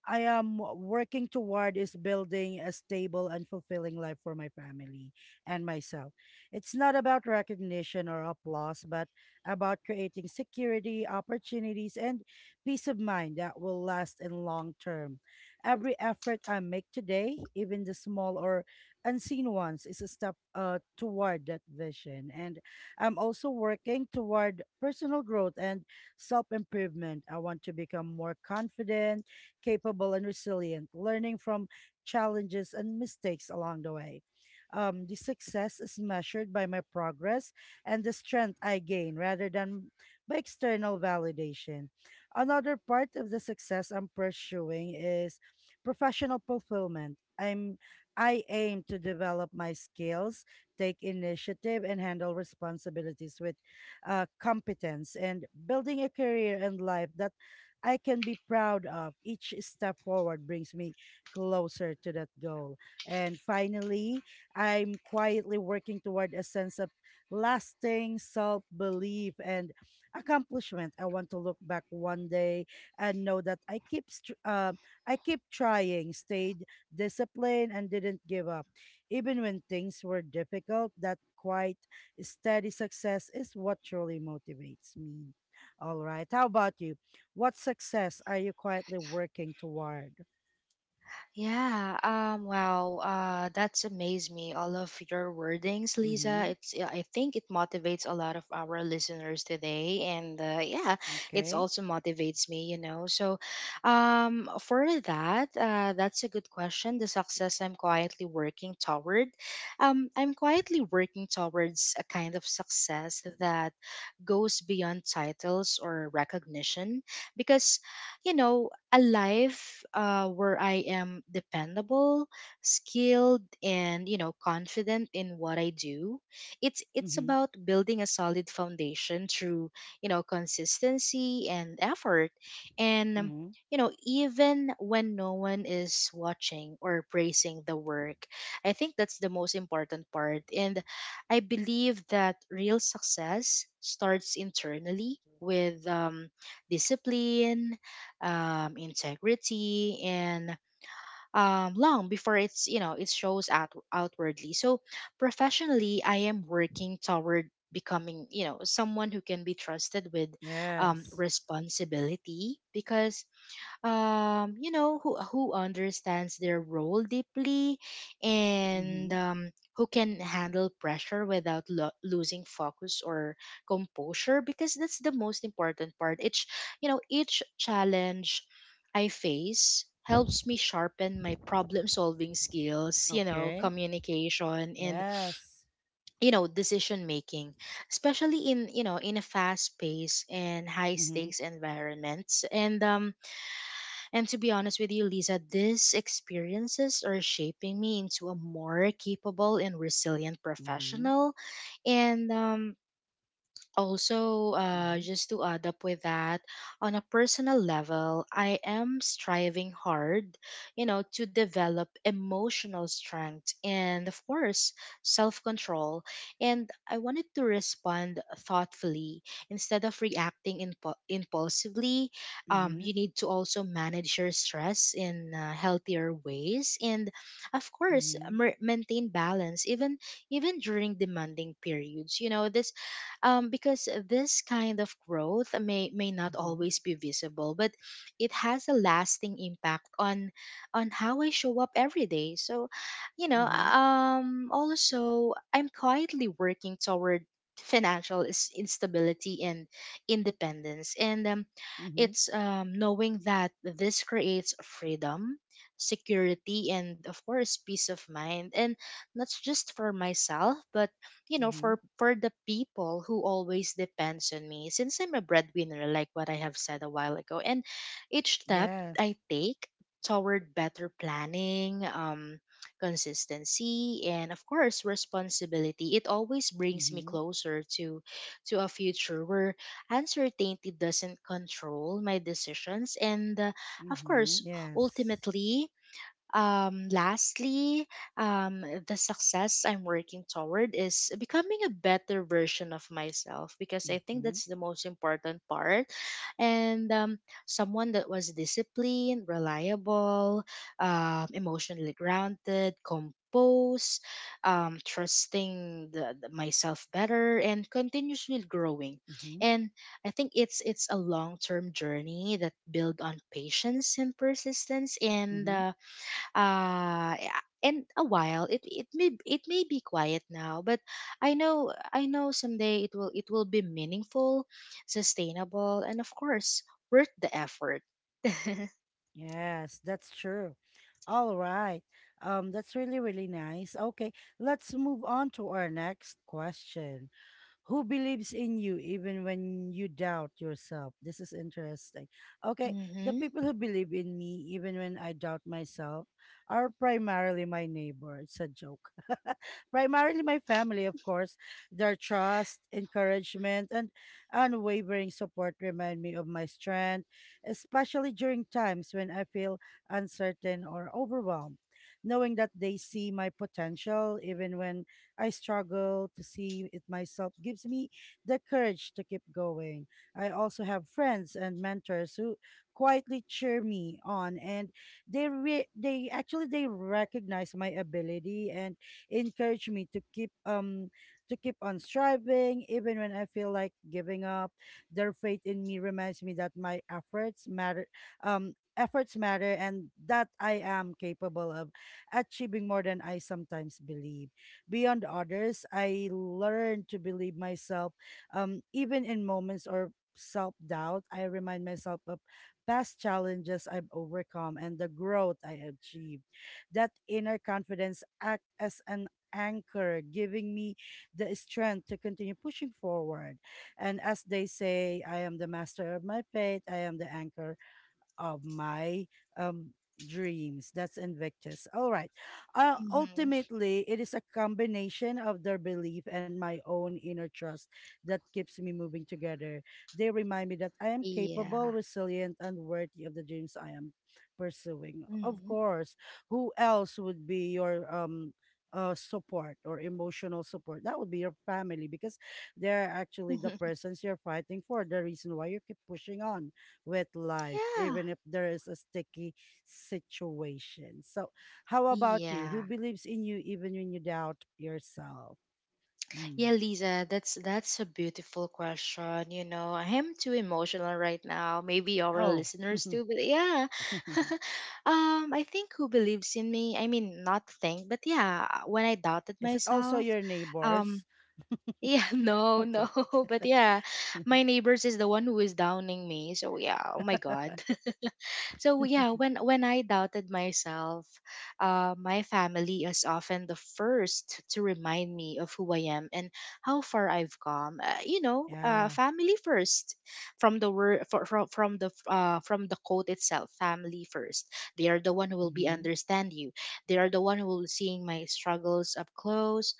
[SPEAKER 1] I am working toward is building a stable and fulfilling life for my family and myself. It's not about recognition or applause, but about creating security, opportunities, and peace of mind that will last in long term. Every effort I make today, even the small or unseen ones, is a step toward that vision. And I'm also working toward personal growth and self improvement. I want to become more confident capable and resilient, learning from challenges and mistakes along the way. The success is measured by my progress and the strength I gain rather than by external validation. Another part of the success I'm pursuing is professional fulfillment. I aim to develop my skills, take initiative, and handle responsibilities with competence and building a career and life that I can be proud of. Each step forward brings me closer to that goal. And finally, I'm quietly working toward a sense of lasting self belief and accomplishment. I want to look back one day and know that I keep trying, stayed disciplined, and didn't give up, even when things were difficult. That quite steady success is what truly motivates me. All right, how about you? What success are you quietly working toward?
[SPEAKER 2] Yeah, wow, that's amazed me. All of your wordings, Lisa.
[SPEAKER 1] Mm-hmm.
[SPEAKER 2] It's, yeah, I think it motivates a lot of our listeners today, and yeah, it's
[SPEAKER 1] Okay.
[SPEAKER 2] also motivates me, you know. So, for that, that's a good question. The success I'm quietly working toward, I'm quietly working towards a kind of success that goes beyond titles or recognition, because, you know, a life where I am dependable, skilled, and confident in what I do. It's
[SPEAKER 1] Mm-hmm.
[SPEAKER 2] about building a solid foundation through, consistency and effort, and
[SPEAKER 1] Mm-hmm.
[SPEAKER 2] even when no one is watching or praising the work. I think that's the most important part. And I believe that real success starts internally with discipline, integrity, and long before it's, it shows out outwardly. So professionally, I am working toward becoming, someone who can be trusted with
[SPEAKER 1] Yes.
[SPEAKER 2] responsibility, because you know, who understands their role deeply and
[SPEAKER 1] Mm-hmm.
[SPEAKER 2] who can handle pressure without losing focus or composure, because that's the most important part. Each, you know, each challenge I face helps me sharpen my problem solving skills, you know,
[SPEAKER 1] Okay.
[SPEAKER 2] communication, and,
[SPEAKER 1] Yes.
[SPEAKER 2] you know, decision making, especially in, you know, in a fast pace and high
[SPEAKER 1] Mm-hmm.
[SPEAKER 2] stakes environments. And to be honest with you, Lisa, these experiences are shaping me into a more capable and resilient
[SPEAKER 1] Mm-hmm.
[SPEAKER 2] professional. And also
[SPEAKER 1] Mm-hmm.
[SPEAKER 2] just to add up with that, on a personal level, I am striving hard, to develop emotional strength and of course self-control. And I wanted to respond thoughtfully instead of reacting impulsively.
[SPEAKER 1] Mm-hmm.
[SPEAKER 2] You need to also manage your stress in healthier ways, and of course
[SPEAKER 1] Mm-hmm.
[SPEAKER 2] maintain balance, even even during demanding periods. You know this Because this kind of growth may not always be visible, but it has a lasting impact on how I show up every day. So, you know,
[SPEAKER 1] Mm-hmm. Mm-hmm.
[SPEAKER 2] also I'm quietly working toward financial instability and independence, and
[SPEAKER 1] Mm-hmm.
[SPEAKER 2] it's, knowing that this creates freedom, security, and of course peace of mind, and not just for myself, but, you know,
[SPEAKER 1] Mm-hmm.
[SPEAKER 2] for the people who always depends on me, since I'm a breadwinner, like what I have said a while ago. And each step
[SPEAKER 1] Yes.
[SPEAKER 2] I take toward better planning, consistency, and of course responsibility, it always brings me
[SPEAKER 1] Mm-hmm.
[SPEAKER 2] closer to a future where uncertainty doesn't control my decisions. And of
[SPEAKER 1] Mm-hmm.
[SPEAKER 2] course
[SPEAKER 1] Yes.
[SPEAKER 2] ultimately, lastly, the success I'm working toward is becoming a better version of myself, because I think
[SPEAKER 1] Mm-hmm.
[SPEAKER 2] that's the most important part. And someone that was disciplined, reliable, emotionally grounded, composed, trusting myself better, and continuously growing.
[SPEAKER 1] Mm-hmm.
[SPEAKER 2] And I think it's a long term journey that build on patience and persistence, and
[SPEAKER 1] Mm-hmm.
[SPEAKER 2] yeah. And a while it may, it may be quiet now, but I know someday it will be meaningful, sustainable, and of course worth the effort.
[SPEAKER 1] Yes, that's true. All right. That's really, really nice. Okay, let's move on to our next question. Who believes in you even when you doubt yourself. This is interesting. Okay, the
[SPEAKER 2] Mhm.
[SPEAKER 1] people who believe in me even when I doubt myself are primarily my neighbor. It's a joke. Primarily my family, of course. Their trust, encouragement, and unwavering support remind me of my strength, especially during times when I feel uncertain or overwhelmed. Knowing that they see my potential even when I struggle to see it myself gives me the courage to keep going. I also have friends and mentors who quietly cheer me on and they actually they recognize my ability and encourage me to keep on striving even when I feel like giving up. Their faith in me reminds me that my efforts matter and that I am capable of achieving more than I sometimes believe. Beyond others, I learned to believe myself. Even in moments or self doubt, I remind myself of past challenges I've overcome and the growth I achieved. That inner confidence acts as an anchor, giving me the strength to continue pushing forward. And as they say, I am the master of my fate, I am the anchor of my um dreams. That's Invictus. All right.
[SPEAKER 2] Mhm.
[SPEAKER 1] Ultimately, it is a combination of their belief and my own inner trust that keeps me moving together. They remind me that I am capable,
[SPEAKER 2] Yeah.
[SPEAKER 1] resilient, and worthy of the dreams I am pursuing. Of
[SPEAKER 2] Mhm.
[SPEAKER 1] course, who else would be your support or emotional support? That would be your family because they're actually the persons you're fighting for, the reason why you keep pushing on with life,
[SPEAKER 2] Yeah,
[SPEAKER 1] even if there is a sticky situation. So, how about you? Who
[SPEAKER 2] yeah.
[SPEAKER 1] believes in you even when you doubt yourself?
[SPEAKER 2] Yeah,
[SPEAKER 1] Mm.
[SPEAKER 2] Lisa, that's a beautiful question. You know, I am too emotional right now. Maybe our
[SPEAKER 1] Oh,
[SPEAKER 2] listeners too, but yeah. I think who believes in me? I mean, not think, but yeah, when I doubted
[SPEAKER 1] is it also
[SPEAKER 2] myself,
[SPEAKER 1] your
[SPEAKER 2] um,
[SPEAKER 1] neighbors?
[SPEAKER 2] yeah, no, no,
[SPEAKER 1] Okay.
[SPEAKER 2] but yeah, my neighbors is the one who is downing me. So yeah, oh my god. So yeah, when I doubted myself, my family is often the first to remind me of who I am and how far I've come.
[SPEAKER 1] Yeah.
[SPEAKER 2] Family first. From the word, from the quote itself, family first. They are the one who will be
[SPEAKER 1] Mm-hmm.
[SPEAKER 2] understand you. They are the one who will seeing my struggles up close,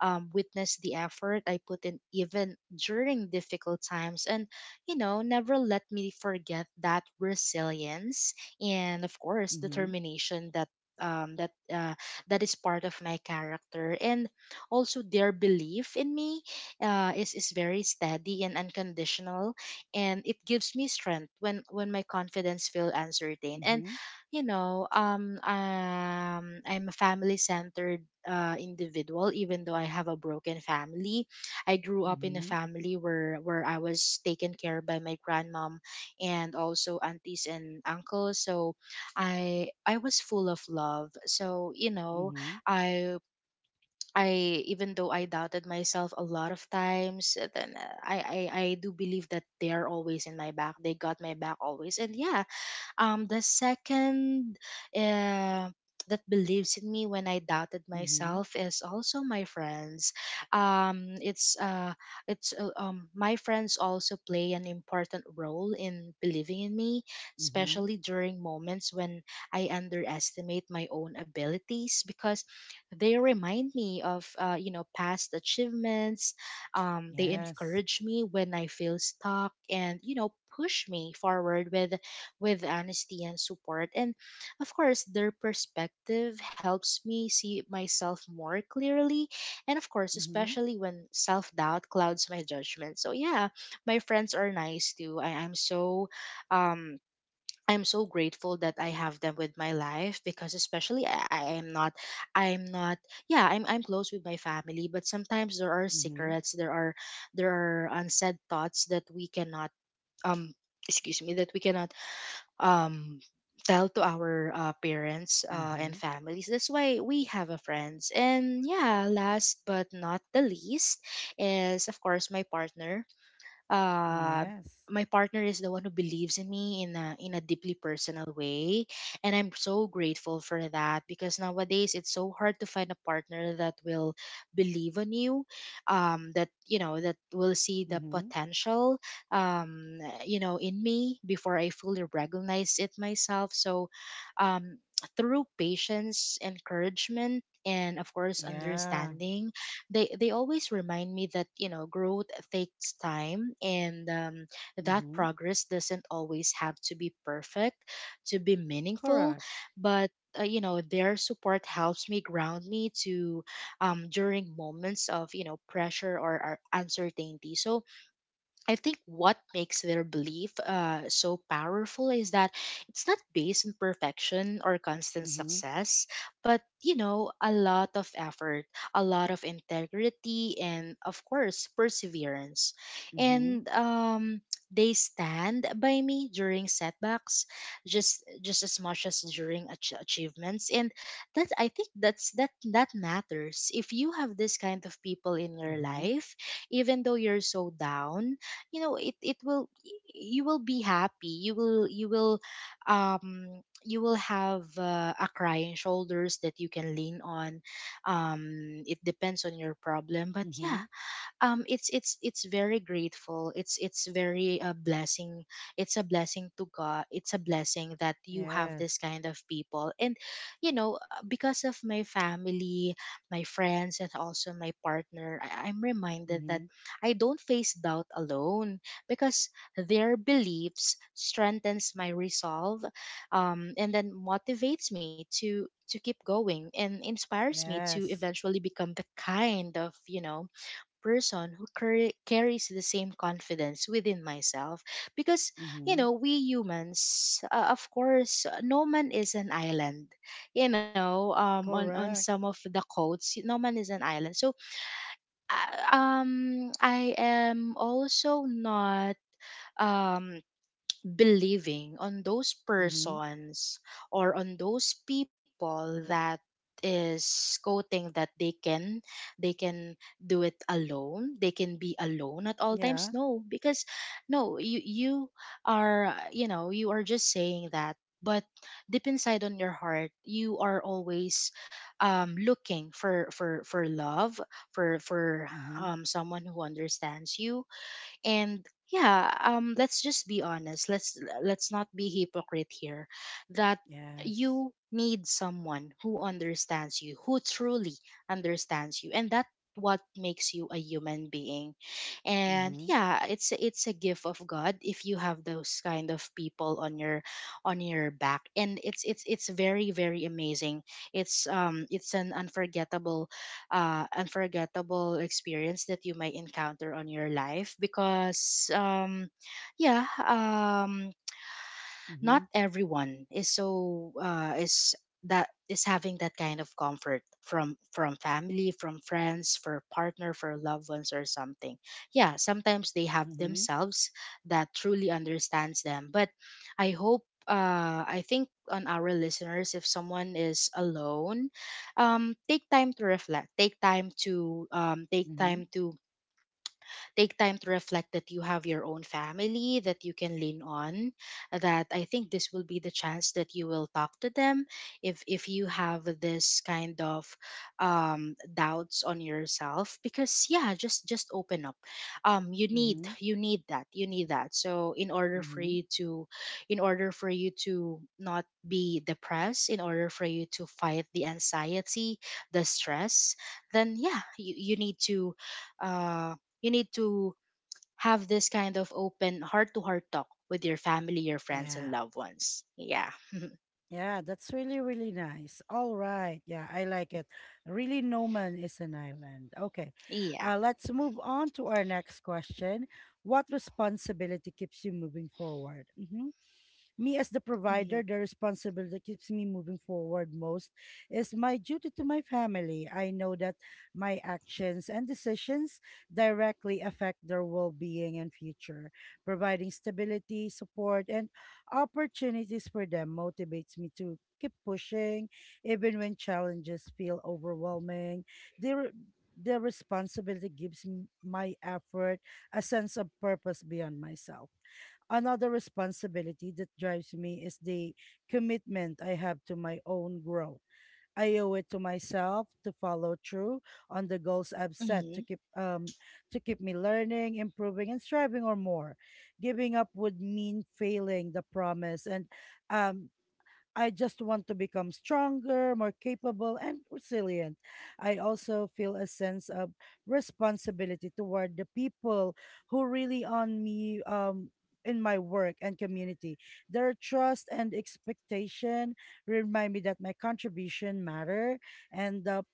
[SPEAKER 2] witness the effort I put in, even during difficult times, and, you know, never let me forget that resilience and, of course,
[SPEAKER 1] Mm-hmm.
[SPEAKER 2] determination that um that uh, that is part of my character. And also their belief in me, is very steady and unconditional, and it gives me strength when my confidence feels uncertain. And
[SPEAKER 1] Mm-hmm.
[SPEAKER 2] I'm a family centered individual, even though I have a broken family. I grew up in a
[SPEAKER 1] Mm-hmm.
[SPEAKER 2] family where I was taken care by my grandmom and also aunties and uncles. So I was full of love. So you know,
[SPEAKER 1] Mm-hmm.
[SPEAKER 2] I I even though I doubted myself a lot of times, I do believe that they are always in my back. They got my back always. And yeah, the second uh, that believes in me when I doubted
[SPEAKER 1] Mm-hmm.
[SPEAKER 2] myself is also my friends. Um, it's uh, it's My friends also play an important role in believing in me,
[SPEAKER 1] Mm-hmm.
[SPEAKER 2] especially during moments when I underestimate my own abilities, because they remind me of, you know, past achievements. They
[SPEAKER 1] Yes.
[SPEAKER 2] encourage me when I feel stuck, and, you know, push me forward with honesty and support. And of course, their perspective helps me see myself more clearly. And of course,
[SPEAKER 1] Mm-hmm.
[SPEAKER 2] especially when self doubt clouds my judgment. So, yeah, my friends are nice too. Um, I'm so grateful that I have them with my life, because especially I am not, I'm not, yeah, I'm close with my family, but sometimes there are
[SPEAKER 1] Mm-hmm.
[SPEAKER 2] secrets, there are unsaid thoughts that we cannot um excuse me, that we cannot um, tell to our parents
[SPEAKER 1] Mm-hmm.
[SPEAKER 2] and
[SPEAKER 1] Mm,
[SPEAKER 2] families. That's why we have a friends. And yeah, last but not the least is of course my partner. uh,
[SPEAKER 1] yes.
[SPEAKER 2] my partner is the one who believes in me in a deeply personal way, and I'm so grateful for that because nowadays it's so hard to find a partner that will believe on you, that, you know, that will see the
[SPEAKER 1] Mm-hmm.
[SPEAKER 2] potential, um you know, in me before I fully recognize it myself. So, um through patience, encouragement, and of course
[SPEAKER 1] Yeah.
[SPEAKER 2] understanding, they always remind me that, you know, growth takes time, and that
[SPEAKER 1] Mm-hmm.
[SPEAKER 2] progress doesn't always have to be perfect to be meaningful.
[SPEAKER 1] Correct.
[SPEAKER 2] But you know, their support helps me, ground me to, during moments of, you know, pressure or uncertainty. So I think what makes their belief so powerful is that it's not based on perfection or constant
[SPEAKER 1] Mm-hmm.
[SPEAKER 2] success, but, you know, a lot of effort, a lot of integrity, and of course, perseverance.
[SPEAKER 1] Mm-hmm.
[SPEAKER 2] And They stand by me during setbacks, just as much as during achievements. And that, I think that's that that matters. If you have this kind of people in your
[SPEAKER 1] Mm-hmm.
[SPEAKER 2] life, even though you're so down, you know, it will, you will be happy, um you will have a crying shoulders that you can lean on. um it depends on your problem, but yeah.
[SPEAKER 1] Mm-hmm.
[SPEAKER 2] It's very grateful, it's very a blessing, it's a blessing to god, it's a blessing that you have
[SPEAKER 1] Yes.
[SPEAKER 2] this kind of people. And, you know, because of my family, my friends, and also my partner, I'm reminded that
[SPEAKER 1] Mm-hmm.
[SPEAKER 2] I don't face doubt alone, because their beliefs strengthens my resolve, and then motivates me to keep going and inspires me to
[SPEAKER 1] Yes.
[SPEAKER 2] eventually become the kind of, you know, person who carries the same confidence within myself. Because, you
[SPEAKER 1] Mm-hmm.
[SPEAKER 2] know, we humans, of course, no man is an island. You know, on some
[SPEAKER 1] Correct.
[SPEAKER 2] of the quotes, no man is an island. So I am also not um believing on those
[SPEAKER 1] Mm-hmm.
[SPEAKER 2] persons or on those people that is quoting that they can, they can do it alone, they can be alone at all times.
[SPEAKER 1] Yeah.
[SPEAKER 2] No, because no, you are, you know, you are just saying that, but deep inside on your heart, you are always, looking for love, for
[SPEAKER 1] Mm-hmm.
[SPEAKER 2] someone who understands you. And yeah, let's just be honest, let's not be hypocrite here, that
[SPEAKER 1] Yes.
[SPEAKER 2] you need someone who understands you, who truly understands you, and that's what makes you a human being. And
[SPEAKER 1] Mm-hmm.
[SPEAKER 2] yeah, it's it's a gift of god if you have those kind of people on your, on your back. And it's very, very amazing. It's an unforgettable, unforgettable experience that you might encounter on your life. Because yeah,
[SPEAKER 1] Mm-hmm.
[SPEAKER 2] not everyone is so is, that is having that kind of comfort from family, from friends, for partner, for loved ones, or something. Yeah, sometimes they have
[SPEAKER 1] Mm-hmm.
[SPEAKER 2] themselves that truly understands them. But I hope, I think on our listeners, if someone is alone, take time to reflect, take time to,
[SPEAKER 1] Mm-hmm.
[SPEAKER 2] take time to reflect that you have your own family that you can lean on. That I think this will be the chance that you will talk to them, if you have this kind of doubts on yourself. Because yeah, just open up. You need
[SPEAKER 1] Mm-hmm.
[SPEAKER 2] you need that you need that, so in order for
[SPEAKER 1] Mm-hmm.
[SPEAKER 2] you to, in order for you to not be depressed, in order for you to fight the anxiety, the stress. Then yeah, you need to, uh you need to have this kind of open heart to heart talk with your family, your friends,
[SPEAKER 1] Yeah.
[SPEAKER 2] and loved ones. Yeah.
[SPEAKER 1] Yeah, that's really, really nice. All right. Yeah, I like it. Really, no man is an island. Okay.
[SPEAKER 2] Yeah.
[SPEAKER 1] Let's move on to our next question. What responsibility keeps you moving forward? Mhm. Me as the
[SPEAKER 2] Mm-hmm.
[SPEAKER 1] provider, the responsibility that keeps me moving forward most is my duty to my family. I know that my actions and decisions directly affect their well-being and future. Providing stability, support, and opportunities for them motivates me to keep pushing even when challenges feel overwhelming. They re- the responsibility gives my effort a sense of purpose beyond myself. Another responsibility that drives me is the commitment I have to my own growth. I owe it to myself to follow through on the goals I've set
[SPEAKER 2] Mm-hmm.
[SPEAKER 1] to keep me learning, improving, and striving or more. Giving up would mean failing the promise, and um I just want to become stronger, more capable, and resilient. I also feel a sense of responsibility toward the people who really on me in my work and community. Their trust and expectation remind me that my contribution matter and the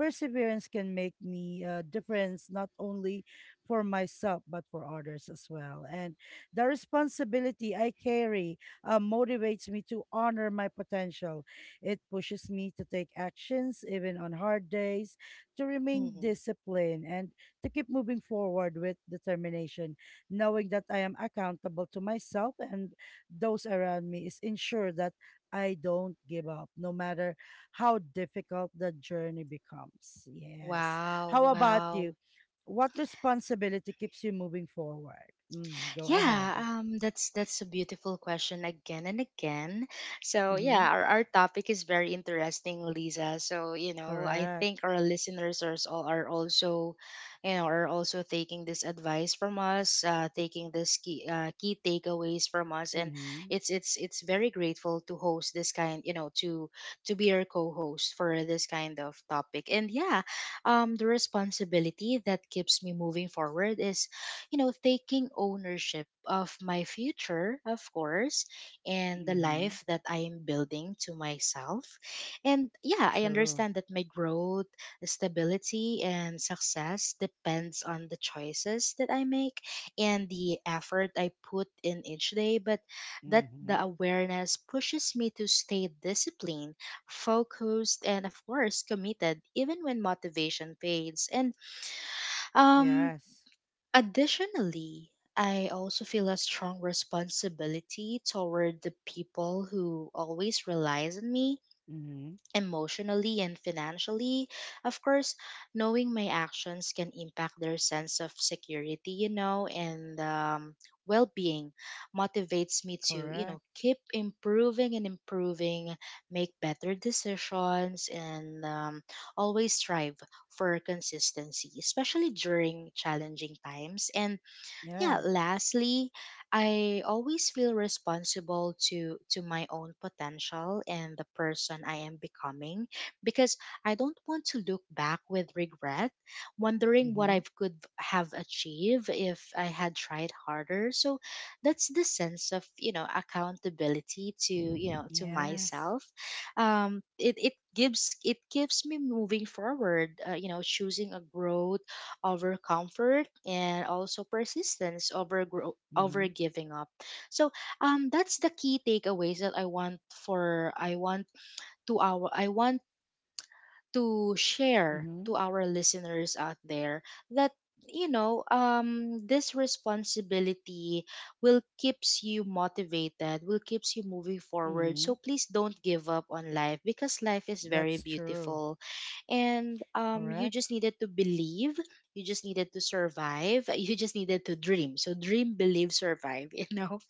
[SPEAKER 1] perseverance can make me a difference not only for myself but for others as well. And the responsibility I carry motivates me to honor my potential. It pushes me to take actions, even on hard days, to remain
[SPEAKER 2] Mm-hmm.
[SPEAKER 1] disciplined and to keep moving forward with determination. Knowing that I am accountable to myself and those around me is ensure that I don't give up, no matter how difficult the journey becomes. Yes.
[SPEAKER 2] Wow.
[SPEAKER 1] How about
[SPEAKER 2] Wow.
[SPEAKER 1] you? What responsibility keeps you moving forward? Mm, go
[SPEAKER 2] Yeah,
[SPEAKER 1] ahead.
[SPEAKER 2] that's a beautiful question again and again. So yeah,
[SPEAKER 1] Mm-hmm.
[SPEAKER 2] our topic is very interesting, Lisa. So you know, I
[SPEAKER 1] Correct.
[SPEAKER 2] think our listeners are, all are also, you know, are also taking this advice from us, taking this key key takeaways from us, and
[SPEAKER 1] Mhm,
[SPEAKER 2] it's very grateful to host this kind, you know, to be your co-host for this kind of topic. And yeah, the responsibility that keeps me moving forward is, you know, taking ownership of my future, of course, and the
[SPEAKER 1] mhm.
[SPEAKER 2] life that I am building to myself. And yeah, I
[SPEAKER 1] True.
[SPEAKER 2] understand that my growth, stability, and success depends on the choices that I make and the effort I put in each day, but that the
[SPEAKER 1] Mhm.
[SPEAKER 2] awareness pushes me to stay disciplined, focused, and of course, committed even when motivation fades. And um
[SPEAKER 1] Yes.
[SPEAKER 2] Additionally, I also feel a strong responsibility toward the people who always relies on me
[SPEAKER 1] Mhm.
[SPEAKER 2] emotionally and financially. Of course, knowing my actions can impact their sense of security, you know, and well being motivates me to, you know,
[SPEAKER 1] Correct.
[SPEAKER 2] keep improving and improving, make better decisions, and always strive for consistency, especially during challenging times. And
[SPEAKER 1] Yeah.
[SPEAKER 2] yeah, lastly, I always feel responsible to my own potential and the person I am becoming, because I don't want to look back with regret wondering what I
[SPEAKER 1] Mhm.
[SPEAKER 2] could have achieved if I had tried harder. So that's the sense of, you know, accountability to, you know, to
[SPEAKER 1] Yes.
[SPEAKER 2] myself. It, it gives it keeps me moving forward, you know, choosing a growth over comfort, and also persistence over grow over
[SPEAKER 1] Mhm.
[SPEAKER 2] giving up. So that's the key takeaways that I want to our I want to share
[SPEAKER 1] Mhm.
[SPEAKER 2] to our listeners out there, that you know, this responsibility will keeps you motivated, will keeps you moving forward. So
[SPEAKER 1] Mhm.
[SPEAKER 2] please don't give up on life, because life is
[SPEAKER 1] That's
[SPEAKER 2] very
[SPEAKER 1] true.
[SPEAKER 2] beautiful. And you
[SPEAKER 1] Correct.
[SPEAKER 2] just needed to believe, you just needed to survive you just needed to dream. So dream, believe, survive you know.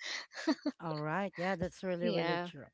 [SPEAKER 1] All right. Yeah, that's really, really
[SPEAKER 2] Yeah.
[SPEAKER 1] true.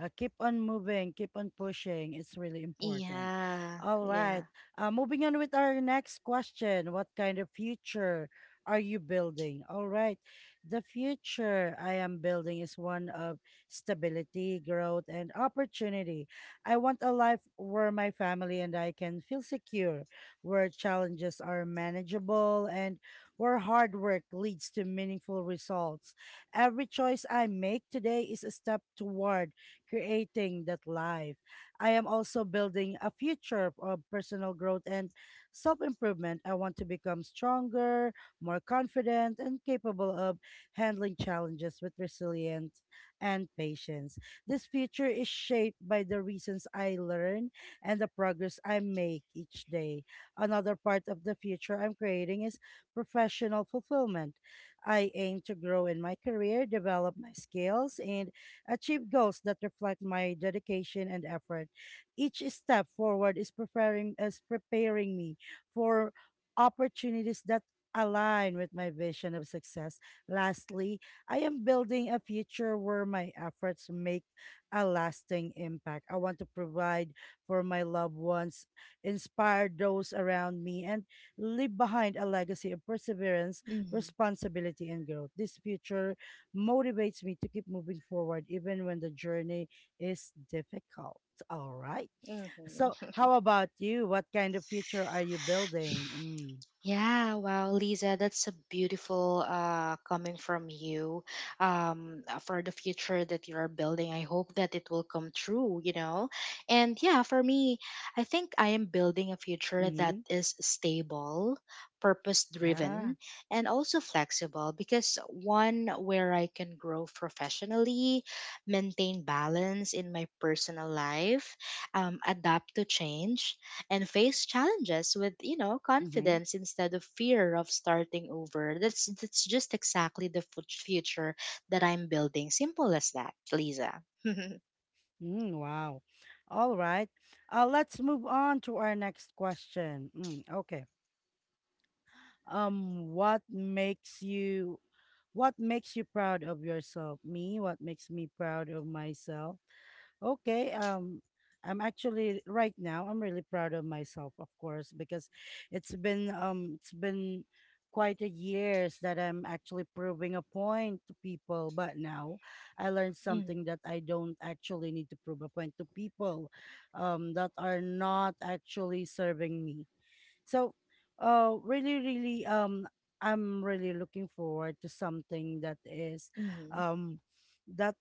[SPEAKER 1] Keep on moving, keep on pushing. It's really important.
[SPEAKER 2] Yeah,
[SPEAKER 1] All right.
[SPEAKER 2] yeah.
[SPEAKER 1] Moving on with our next question. What kind of future are you building? All right. The future I am building is one of stability, growth, and opportunity. I want a life where my family and I can feel secure, where challenges are manageable, and where hard work leads to meaningful results. Every choice I make today is a step toward creating that life. I am also building a future of personal growth and self improvement. I want to become stronger, more confident, and capable of handling challenges with resilience and patience. This future is shaped by the reasons I learn and the progress I make each day. Another part of the future I'm creating is professional fulfillment. I aim to grow in my career, develop my skills, and achieve goals that reflect my dedication and effort. Each step forward is preparing me for opportunities that align with my vision of success. Lastly, I am building a future where my efforts make a lasting impact. I want to provide for my loved ones, inspire those around me, and leave behind a legacy of perseverance,
[SPEAKER 2] Hmm.
[SPEAKER 1] responsibility, and growth. This future motivates me to keep moving forward even when the journey is difficult. All right.
[SPEAKER 2] Hmm.
[SPEAKER 1] So, how about you? What kind of future are you building? Mm.
[SPEAKER 2] Yeah, wow, Lisa, that's a beautiful, coming from you, for the future that you are building. I hope that it will come true, you know? And yeah, for me, I think I am building a future that
[SPEAKER 1] Mm-hmm.
[SPEAKER 2] is stable, purpose
[SPEAKER 1] Yeah.
[SPEAKER 2] driven, and also flexible, because one where I can grow professionally, maintain balance in my personal life, adapt to change, and face challenges with, you know,
[SPEAKER 1] Mm-hmm.
[SPEAKER 2] confidence instead of fear of starting over. That's just exactly the future that I'm building. Simple as that, Lisa. Mm.
[SPEAKER 1] Mm, wow. All right. Let's move on to our next question. Mm, okay. Um, what makes you what makes you proud of yourself? Me, what makes me proud of myself? Okay. I'm actually right now. I'm really proud of myself, of course, because it's been quite a years that I'm actually proving a point to people. But now, I learned something that I don't actually need to prove a point to people, that are not actually serving me. So, uh, really, really, um, I'm really looking forward to something
[SPEAKER 2] Mm.
[SPEAKER 1] um, that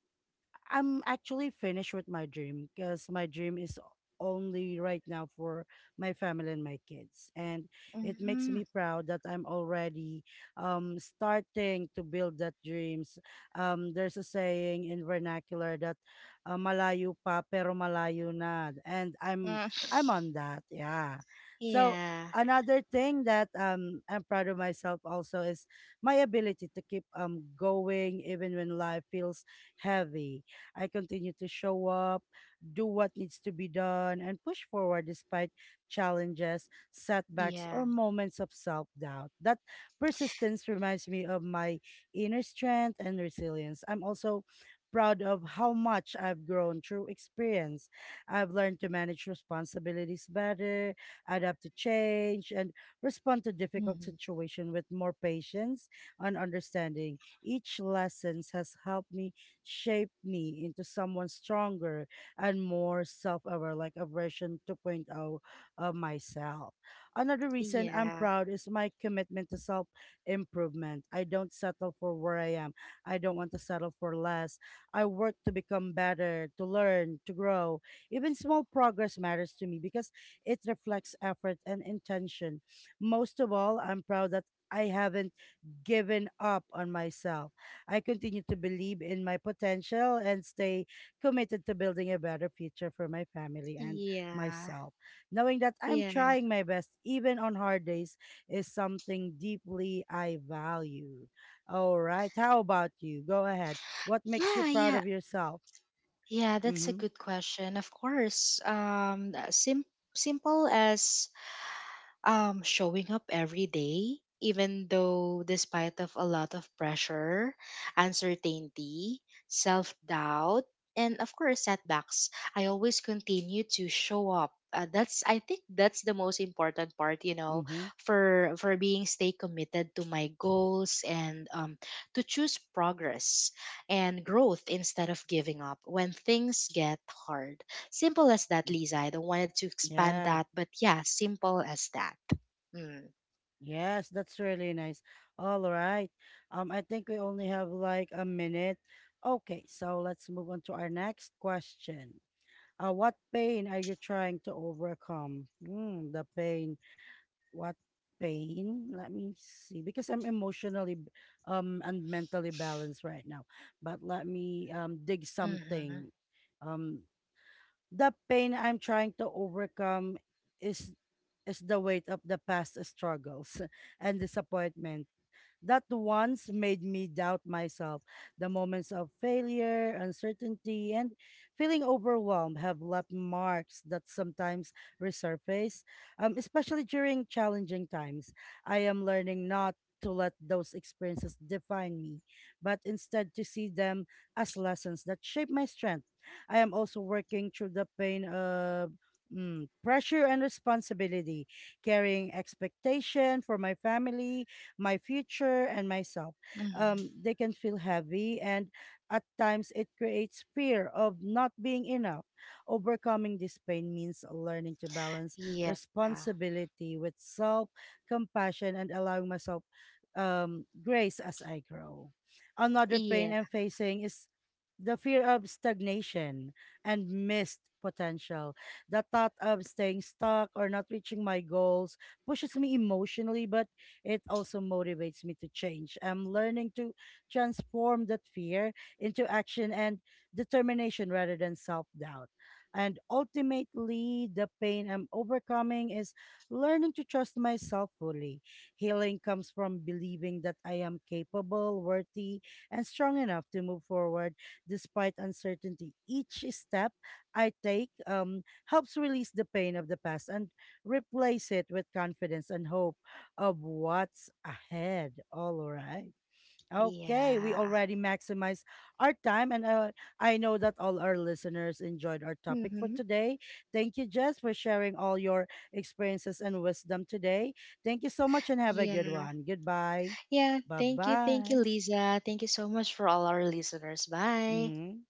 [SPEAKER 1] I'm actually finished with my dream because my dream is only right now for my family and my kids. And it makes
[SPEAKER 2] Mm.
[SPEAKER 1] me proud that I'm already starting to build that dreams. There's a saying in vernacular that malayo pa pero malayo na. And I'm
[SPEAKER 2] Mm.
[SPEAKER 1] I'm on that. Yeah. So
[SPEAKER 2] Yeah,
[SPEAKER 1] another thing that I'm proud of myself also is my ability to keep going even when life feels heavy. I continue to show up, do what needs to be done, and push forward despite challenges, setbacks,
[SPEAKER 2] yeah.
[SPEAKER 1] or moments of self doubt. That persistence reminds me of my inner strength and resilience. I'm also proud of how much I've grown through experience. I've learned to manage responsibilities better, adapt to change, and respond to difficult
[SPEAKER 2] Mhm.
[SPEAKER 1] situations with more patience and understanding. Each lesson has helped me shaped me into someone stronger and more self-aware, like a version 2.0 of myself. Another reason I'm
[SPEAKER 2] Yeah,
[SPEAKER 1] proud is my commitment to self-improvement. I don't settle for where I am. I don't want to settle for less. I work to become better, to learn, to grow. Even small progress matters to me because it reflects effort and intention. Most of all, I'm proud that I haven't given up on myself. I continue to believe in my potential and stay committed to building a better future for my family and
[SPEAKER 2] yeah,
[SPEAKER 1] myself. Knowing that I'm
[SPEAKER 2] yeah,
[SPEAKER 1] trying my best, even on hard days, is something deeply I value. All right. How about you? Go ahead. What makes
[SPEAKER 2] yeah,
[SPEAKER 1] you proud
[SPEAKER 2] yeah,
[SPEAKER 1] of yourself?
[SPEAKER 2] yeah. that's a
[SPEAKER 1] Mm-hmm.
[SPEAKER 2] good question, of course. Simple as, showing up every day, even though, despite of a lot of pressure, uncertainty, self-doubt, and of course setbacks, I always continue to show up. That's, I think that's the most important part, you know,
[SPEAKER 1] Mm-hmm.
[SPEAKER 2] for being stay committed to my goals, and to choose progress and growth instead of giving up when things get hard. Simple as that,
[SPEAKER 1] Mm,
[SPEAKER 2] Lisa. I don't wanted to expand
[SPEAKER 1] yes.
[SPEAKER 2] that, but yeah, simple as that. Mm.
[SPEAKER 1] Yes, that's really nice. All right. I think we only have like a minute. Okay, so let's move on to our next question. What pain are you trying to overcome? Mm, the pain. What pain? Let me see. Because I'm emotionally and mentally balanced right now. But let me dig something.
[SPEAKER 2] Mm-hmm.
[SPEAKER 1] Um, the pain I'm trying to overcome is is the weight of the past struggles and disappointments that once made me doubt myself. The moments of failure, uncertainty, and feeling overwhelmed have left marks that sometimes resurface, especially during challenging times. I am learning not to let those experiences define me, but instead to see them as lessons that shape my strength. I am also working through the pain of pressure and responsibility, carrying expectation for my family, my future and myself.
[SPEAKER 2] Mm-hmm.
[SPEAKER 1] They can feel heavy, and at times it creates fear of not being enough. Overcoming this pain means learning to balance
[SPEAKER 2] Yeah.
[SPEAKER 1] responsibility with self compassion and allowing myself grace as I grow. Another pain
[SPEAKER 2] Yeah.
[SPEAKER 1] I'm facing is the fear of stagnation and missed potential. The thought of staying stuck or not reaching my goals pushes me emotionally, but it also motivates me to change. I'm learning to transform that fear into action and determination rather than self doubt. And ultimately, the pain I'm overcoming is learning to trust myself fully. Healing comes from believing that I am capable, worthy, and strong enough to move forward despite uncertainty. Each step I take helps release the pain of the past and replace it with confidence and hope of what's ahead. All right. Okay, we
[SPEAKER 2] Yeah.
[SPEAKER 1] already maximized our time, and I know that all our listeners enjoyed our topic for
[SPEAKER 2] Mm-hmm.
[SPEAKER 1] today. Thank you, Jess, for sharing all your experiences and wisdom today. Thank you so much, and have a good
[SPEAKER 2] Yeah.
[SPEAKER 1] one. Goodbye.
[SPEAKER 2] Yeah.
[SPEAKER 1] Bye
[SPEAKER 2] Thank you. Thank you,
[SPEAKER 1] bye.
[SPEAKER 2] Lisa. Thank you so much for all our listeners. Bye.
[SPEAKER 1] Mm-hmm.